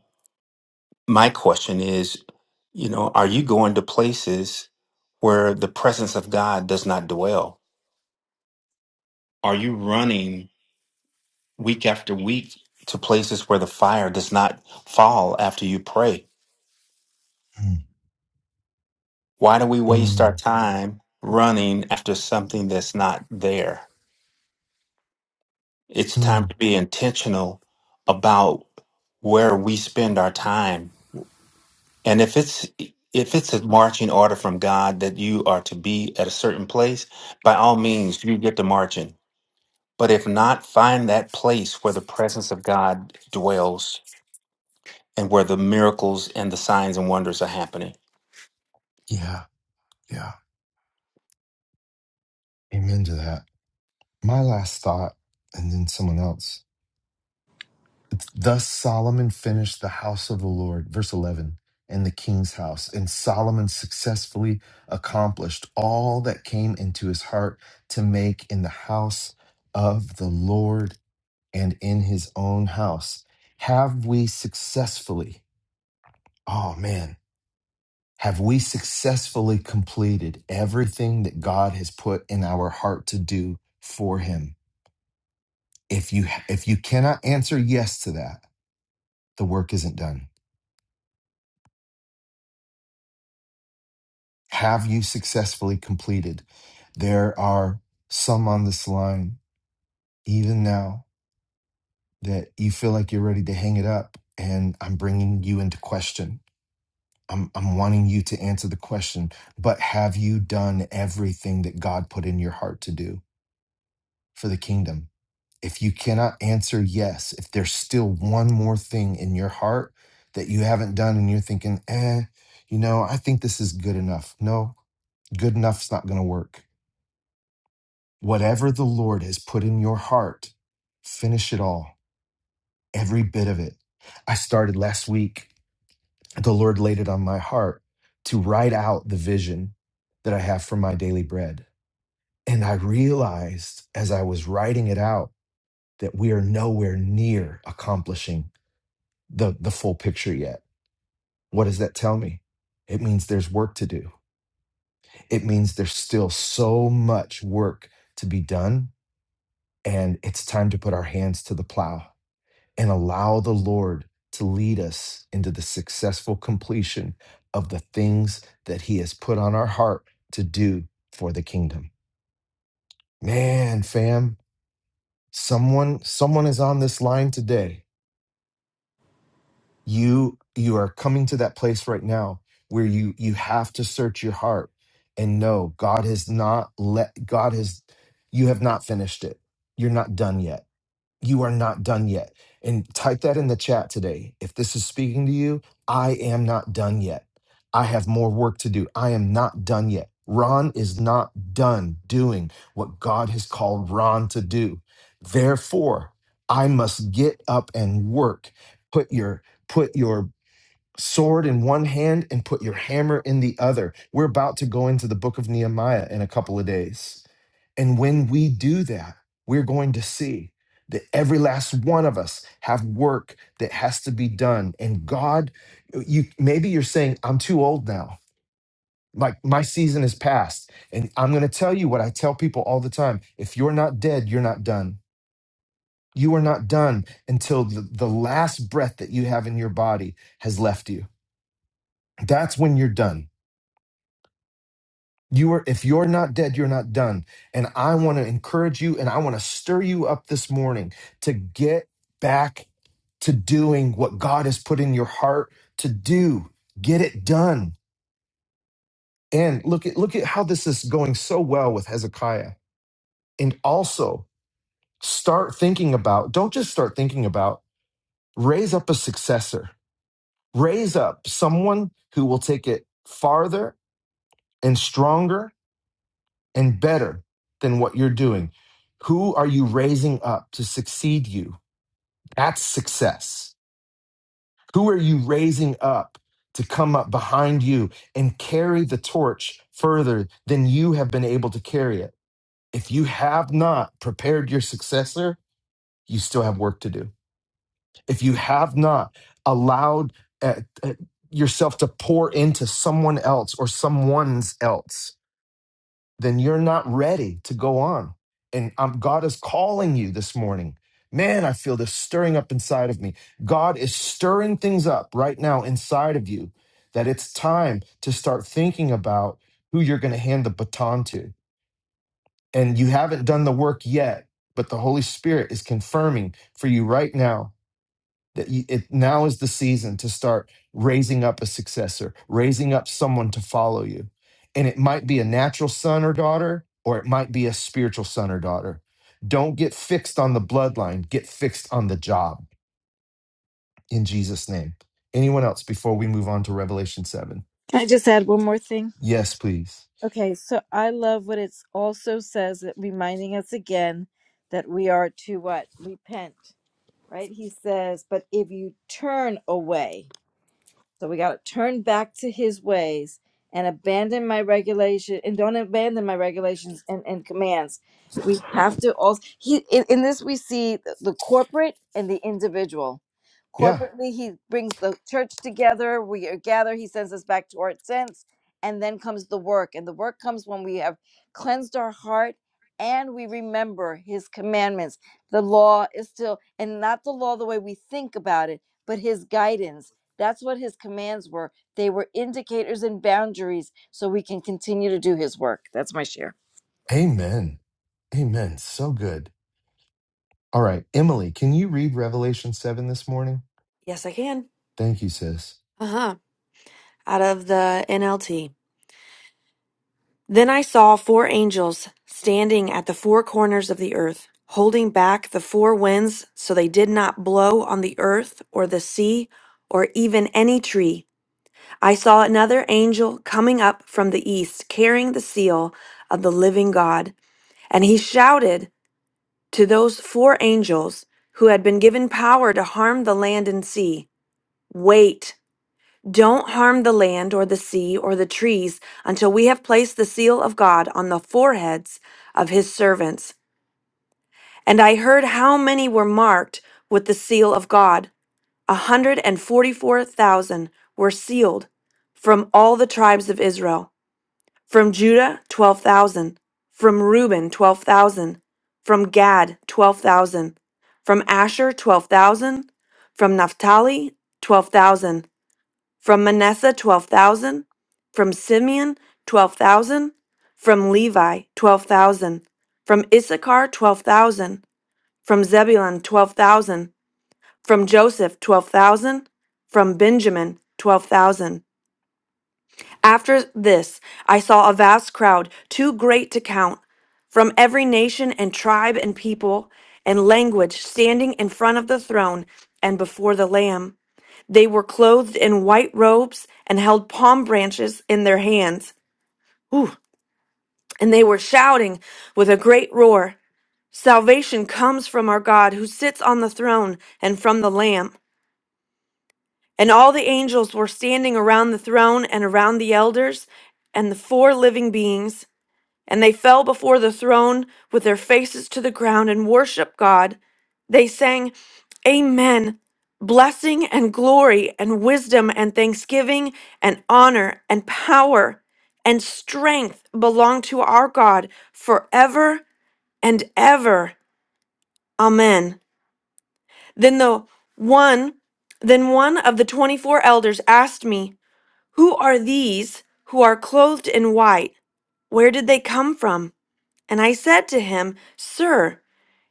Speaker 9: my question is, you know, are you going to places where the presence of God does not dwell? Are you running week after week to places where the fire does not fall after you pray?
Speaker 1: Mm,
Speaker 9: Why do we waste
Speaker 1: mm,
Speaker 9: our time running after something that's not there? It's time
Speaker 1: mm.
Speaker 9: to be intentional about where we spend our time And if it's if it's a marching order from God that you are to be at a certain place, by all means you get to marching. But if not, find that place where the presence of God dwells and where the miracles and the signs and wonders are happening.
Speaker 1: Yeah, yeah. Amen to that. My last thought, and then someone else Thus Solomon finished the house of the Lord, verse 11, and the king's house. And Solomon successfully accomplished all that came into his heart to make in the house of the Lord and in his own house. Have we successfully, oh man, have we successfully completed everything that God has put in our heart to do for him? If you if you cannot answer yes to that, the work isn't done. Have you successfully completed? There are some on this line, even now, that you feel like you're ready to hang it up. And I'm bringing you into question. I'm, I'm wanting you to answer the question, but have you done everything that God put in your heart to do for the kingdom? If you cannot answer yes, if there's still one more thing in your heart that you haven't done and you're thinking, eh, you know, I think this is good enough. No, good enough's not going to work Whatever the Lord has put in your heart, finish it all, every bit of it. I started last week, the Lord laid it on my heart to write out the vision that I have for my daily bread. And I realized as I was writing it out that we are nowhere near accomplishing the, the full picture yet. What does that tell me? It means there's work to do. It means there's still so much work to be done, and it's time to put our hands to the plow and allow the Lord to lead us into the successful completion of the things that He has put on our heart to do for the kingdom. Man, fam, someone someone is on this line today. You you are coming to that place right now where you you have to search your heart and know God has not let God has you have not finished it. You're not done yet you are not done yet. And type that in the chat today. If this is speaking to you, I am not done yet. I have more work to do. I am not done yet. Ron is not done doing what God has called Ron to do. Therefore, I must get up and work. Put your put your sword in one hand and put your hammer in the other. We're about to go into the book of Nehemiah in a couple of days and when we do that, we're going to see that every last one of us have work that has to be done. And God, you maybe you're saying, I'm too old now. Like my season is past. And I'm going to tell you what I tell people all the time. If you're not dead, you're not done. You are not done until the, the last breath that you have in your body has left you. That's when you're done. You are, if you're not dead, you're not done. And I want to encourage you and I want to stir you up this morning to get back to doing what God has put in your heart to do. Get it done. And look at look at how this is going so well with Hezekiah. And also start thinking about, don't just start thinking about, raise up a successor. Raise up someone who will take it farther and stronger and better than what you're doing? Who are you raising up to succeed you? That's success. Who are you raising up to come up behind you and carry the torch further than you have been able to carry it? If you have not prepared your successor, you still have work to do. If you have not allowed uh, uh, yourself to pour into someone else or someone's else, then you're not ready to go on. And um, God is calling you this morning. Man, I feel this stirring up inside of me. God is stirring things up right now inside of you that it's time to start thinking about who you're going to hand the baton to. And you haven't done the work yet, but the Holy Spirit is confirming for you right now that you, it now is the season to start raising up a successor, raising up someone to follow you. And it might be a natural son or daughter, or it might be a spiritual son or daughter. Don't get fixed on the bloodline, get fixed on the job in Jesus' name. Anyone else before we move on to Revelation 7?
Speaker 4: Can I just add one more thing?
Speaker 1: Yes, please.
Speaker 4: Okay, so I love what it also says, that reminding us again that we are to what? Repent, right? He says, but if you turn away, So we got to turn back to his ways and abandon my regulation and don't abandon my regulations and, and commands. We have to also he in, in this we see the the corporate and the individual.
Speaker 1: Yeah.
Speaker 4: Corporately, he brings the church together. We are gather. He sends us back to our sense, and then comes the work. And the work comes when we have cleansed our heart and we remember His commandments. The law is still, and not the law the way we think about it, but His guidance that's what his commands were. They were indicators and boundaries so we can continue to do his work. That's my share.
Speaker 1: Amen. Amen. So good. All right. Emily, can you read Revelation 7 this morning?
Speaker 10: Yes, I can.
Speaker 1: Thank you, sis.
Speaker 10: Uh huh. Out of the NLT. Then I saw four angels standing at the four corners of the earth, holding back the four winds so they did not blow on the earth or the sea or even any tree. I saw another angel coming up from the east, carrying the seal of the living God. And he shouted to those four angels who had been given power to harm the land and sea Wait! Don't harm the land or the sea or the trees until we have placed the seal of God on the foreheads of his servants. And I heard how many were marked with the seal of God. A hundred and forty four thousand were sealed from all the tribes of Israel. From Judah, twelve thousand. From Reuben, twelve thousand. From Gad, twelve thousand. From Asher, twelve thousand. From Naphtali, twelve thousand from Manasseh, 12,000. From Simeon, 12,000. From Levi, 12,000. From Issachar, 12,000. From Zebulun, 12,000. From Joseph, 12,000. From Benjamin, 12,000. After this, I saw a vast crowd, too great to count, from every nation and tribe and people and language standing in front of the throne and before the Lamb. They were clothed in white robes and held palm branches in their hands. Ooh. And they were shouting with a great roar Salvation comes from our God who sits on the throne and from the Lamb. And all the angels were standing around the throne and around the elders and the four living beings. And they fell before the throne with their faces to the ground and worshiped God. They sang, Amen. Blessing and glory and wisdom and thanksgiving and honor and power and strength belong to our God forever and ever. Amen. Then the one then one of the 24 elders asked me, "Who are these who are clothed in white? Where did they come from?" And I said to him, Sir,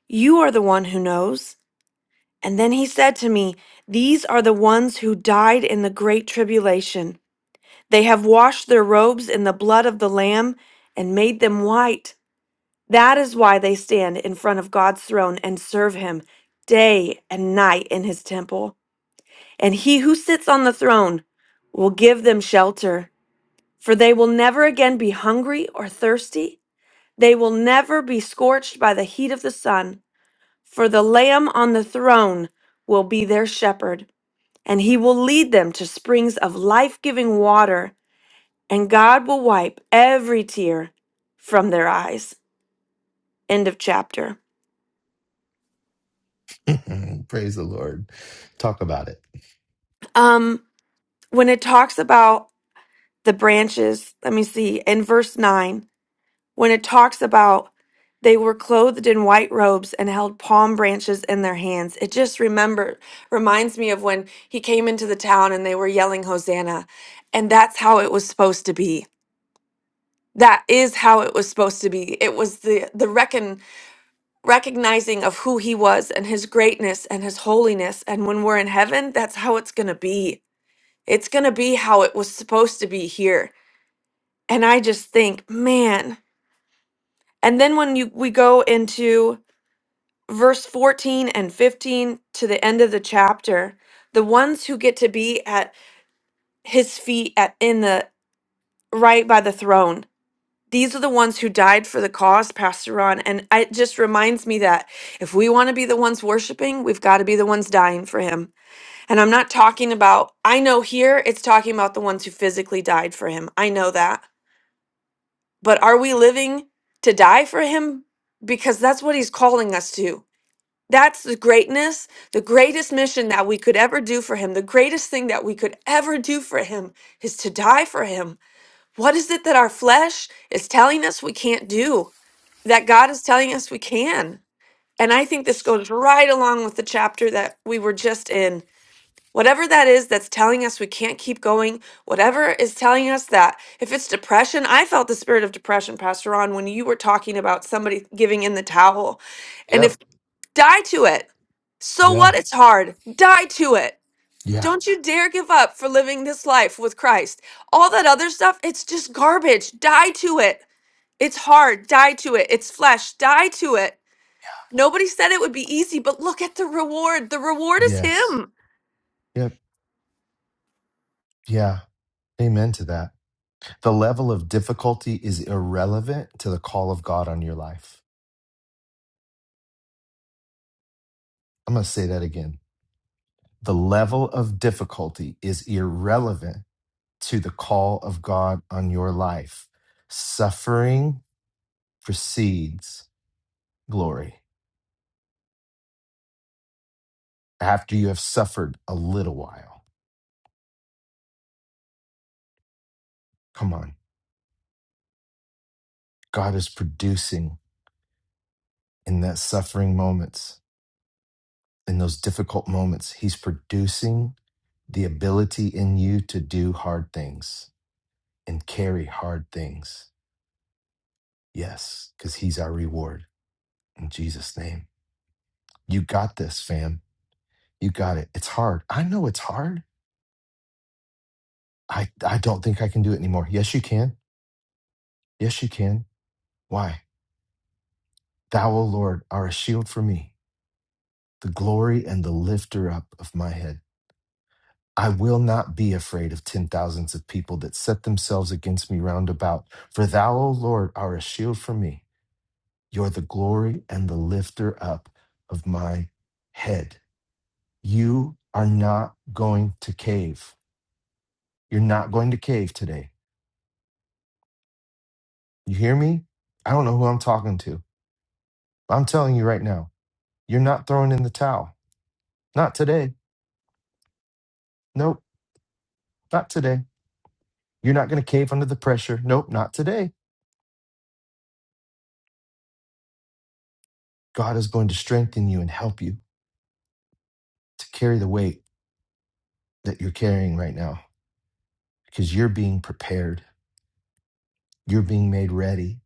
Speaker 10: you are the one who knows. And then he said to me, These are the ones who died in the great tribulation. They have washed their robes in the blood of the Lamb and made them white. That is why they stand in front of God's throne and serve him day and night in his temple. And he who sits on the throne will give them shelter, for they will never again be hungry or thirsty. They will never be scorched by the heat of the sun. For the Lamb on the throne will be their shepherd, and he will lead them to springs of life giving water, and God will wipe every tear from their eyes. End of chapter.
Speaker 1: Praise the Lord. Talk about it.
Speaker 10: Um, when it talks about the branches, let me see, in verse 9. when it talks about they were clothed in white robes and held palm branches in their hands. It just remember reminds me of when he came into the town and they were yelling hosanna and that's how it was supposed to be. That is how it was supposed to be. It was the the reckon recognizing of who he was and his greatness and his holiness and when we're in heaven, that's how it's going to be. It's going to be how it was supposed to be here. And I just think, man. And then when you we go into verse 14 and 15 to the end of the chapter the ones who get to be at his feet at in the right by the throne these are the ones who died for the cause pastor ron and I- it just reminds me that if we want to be the ones worshiping we've got to be the ones dying for him and i'm not talking about i know here it's talking about the ones who physically died for him i know that but are we living to die for him because that's what he's calling us to That's the greatness, the greatest mission that we could ever do for him, the greatest thing that we could ever do for him is to die for him. What is it that our flesh is telling us we can't do that God is telling us we can? And I think this goes right along with the chapter that we were just in. Whatever that is that's telling us we can't keep going, whatever is telling us that, if it's depression, I felt the spirit of depression, Pastor Ron, when you were talking about somebody giving in the towel. and if.
Speaker 1: Yep.
Speaker 10: Die to it. So what?
Speaker 1: Yeah.
Speaker 10: It's hard. Die to it.
Speaker 1: Yeah.
Speaker 10: Don't you dare give up for living this life with Christ. All that other stuff, it's just garbage. Die to it. It's hard. Die to it. It's flesh. Die to it. Nobody said it would be easy, but look at the reward. The reward is
Speaker 1: Yes.
Speaker 10: Him.
Speaker 1: Yep. Yeah. Amen to that. The level of difficulty is irrelevant to the call of God on your life. I'm going to say that again. The level of difficulty is irrelevant to the call of God on your life. Suffering precedes glory after you have suffered a little while. Come on. God is producing in that suffering moments, in those difficult moments. He's producing the ability in you to do hard things and carry hard things. Yes, because He's our reward in Jesus' name. You got this, fam. You got it. It's hard. I know it's hard. I, I don't think I can do it anymore. Yes, you can. Yes, you can. Why? Thou, O Lord, are a shield for me, the glory and the lifter up of my head. I will not be afraid of ten thousands of people that set themselves against me round about. For thou, O Lord, are a shield for me, You're the glory and the lifter up of my head. You are not going to cave. You're not going to cave today. You hear me? I don't know who I'm talking to, but I'm telling you right now, you're not throwing in the towel. Not today. Nope, not today. You're not going to cave under the pressure. Nope, not today. God is going to strengthen you and help you to carry the weight that you're carrying right now because you're being prepared. You're being made ready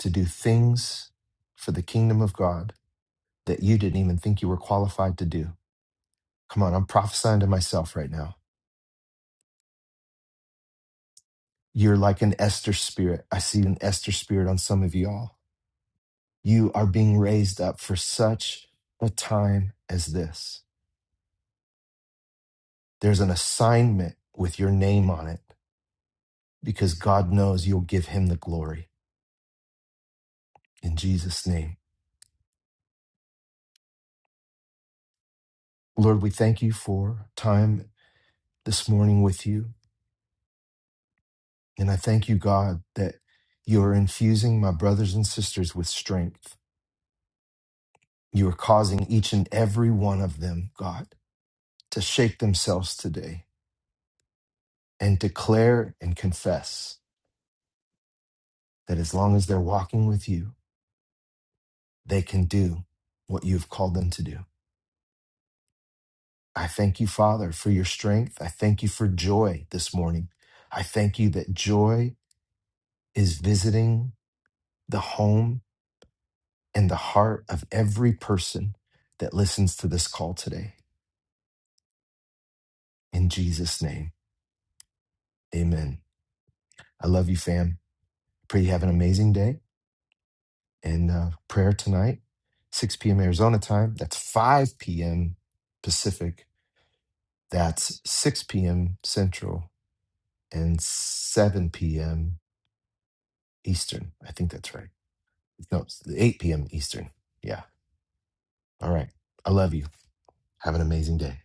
Speaker 1: to do things for the kingdom of God that you didn't even think you were qualified to do. Come on, I'm prophesying to myself right now. You're like an Esther spirit. I see an Esther spirit on some of you all. You are being raised up for such a time as this. There's an assignment with your name on it because God knows you'll give him the glory in Jesus' name. Lord, we thank you for time this morning with you. And I thank you, God, that you are infusing my brothers and sisters with strength You are causing each and every one of them, God, to shake themselves today and declare and confess that as long as they're walking with you, they can do what you've called them to do. I thank you, Father, for your strength. I thank you for joy this morning. I thank you that joy is visiting the home and the heart of every person that listens to this call today. In Jesus' name, amen. I love you, fam. Pray you have an amazing day in uh, prayer tonight, 6 p.m. Arizona time. That's 5 p.m. Pacific. That's 6 p.m. Central and 7 p.m. Eastern. I think that's right. No, it's 8 p.m. Eastern. Yeah. All right. I love you. Have an amazing day.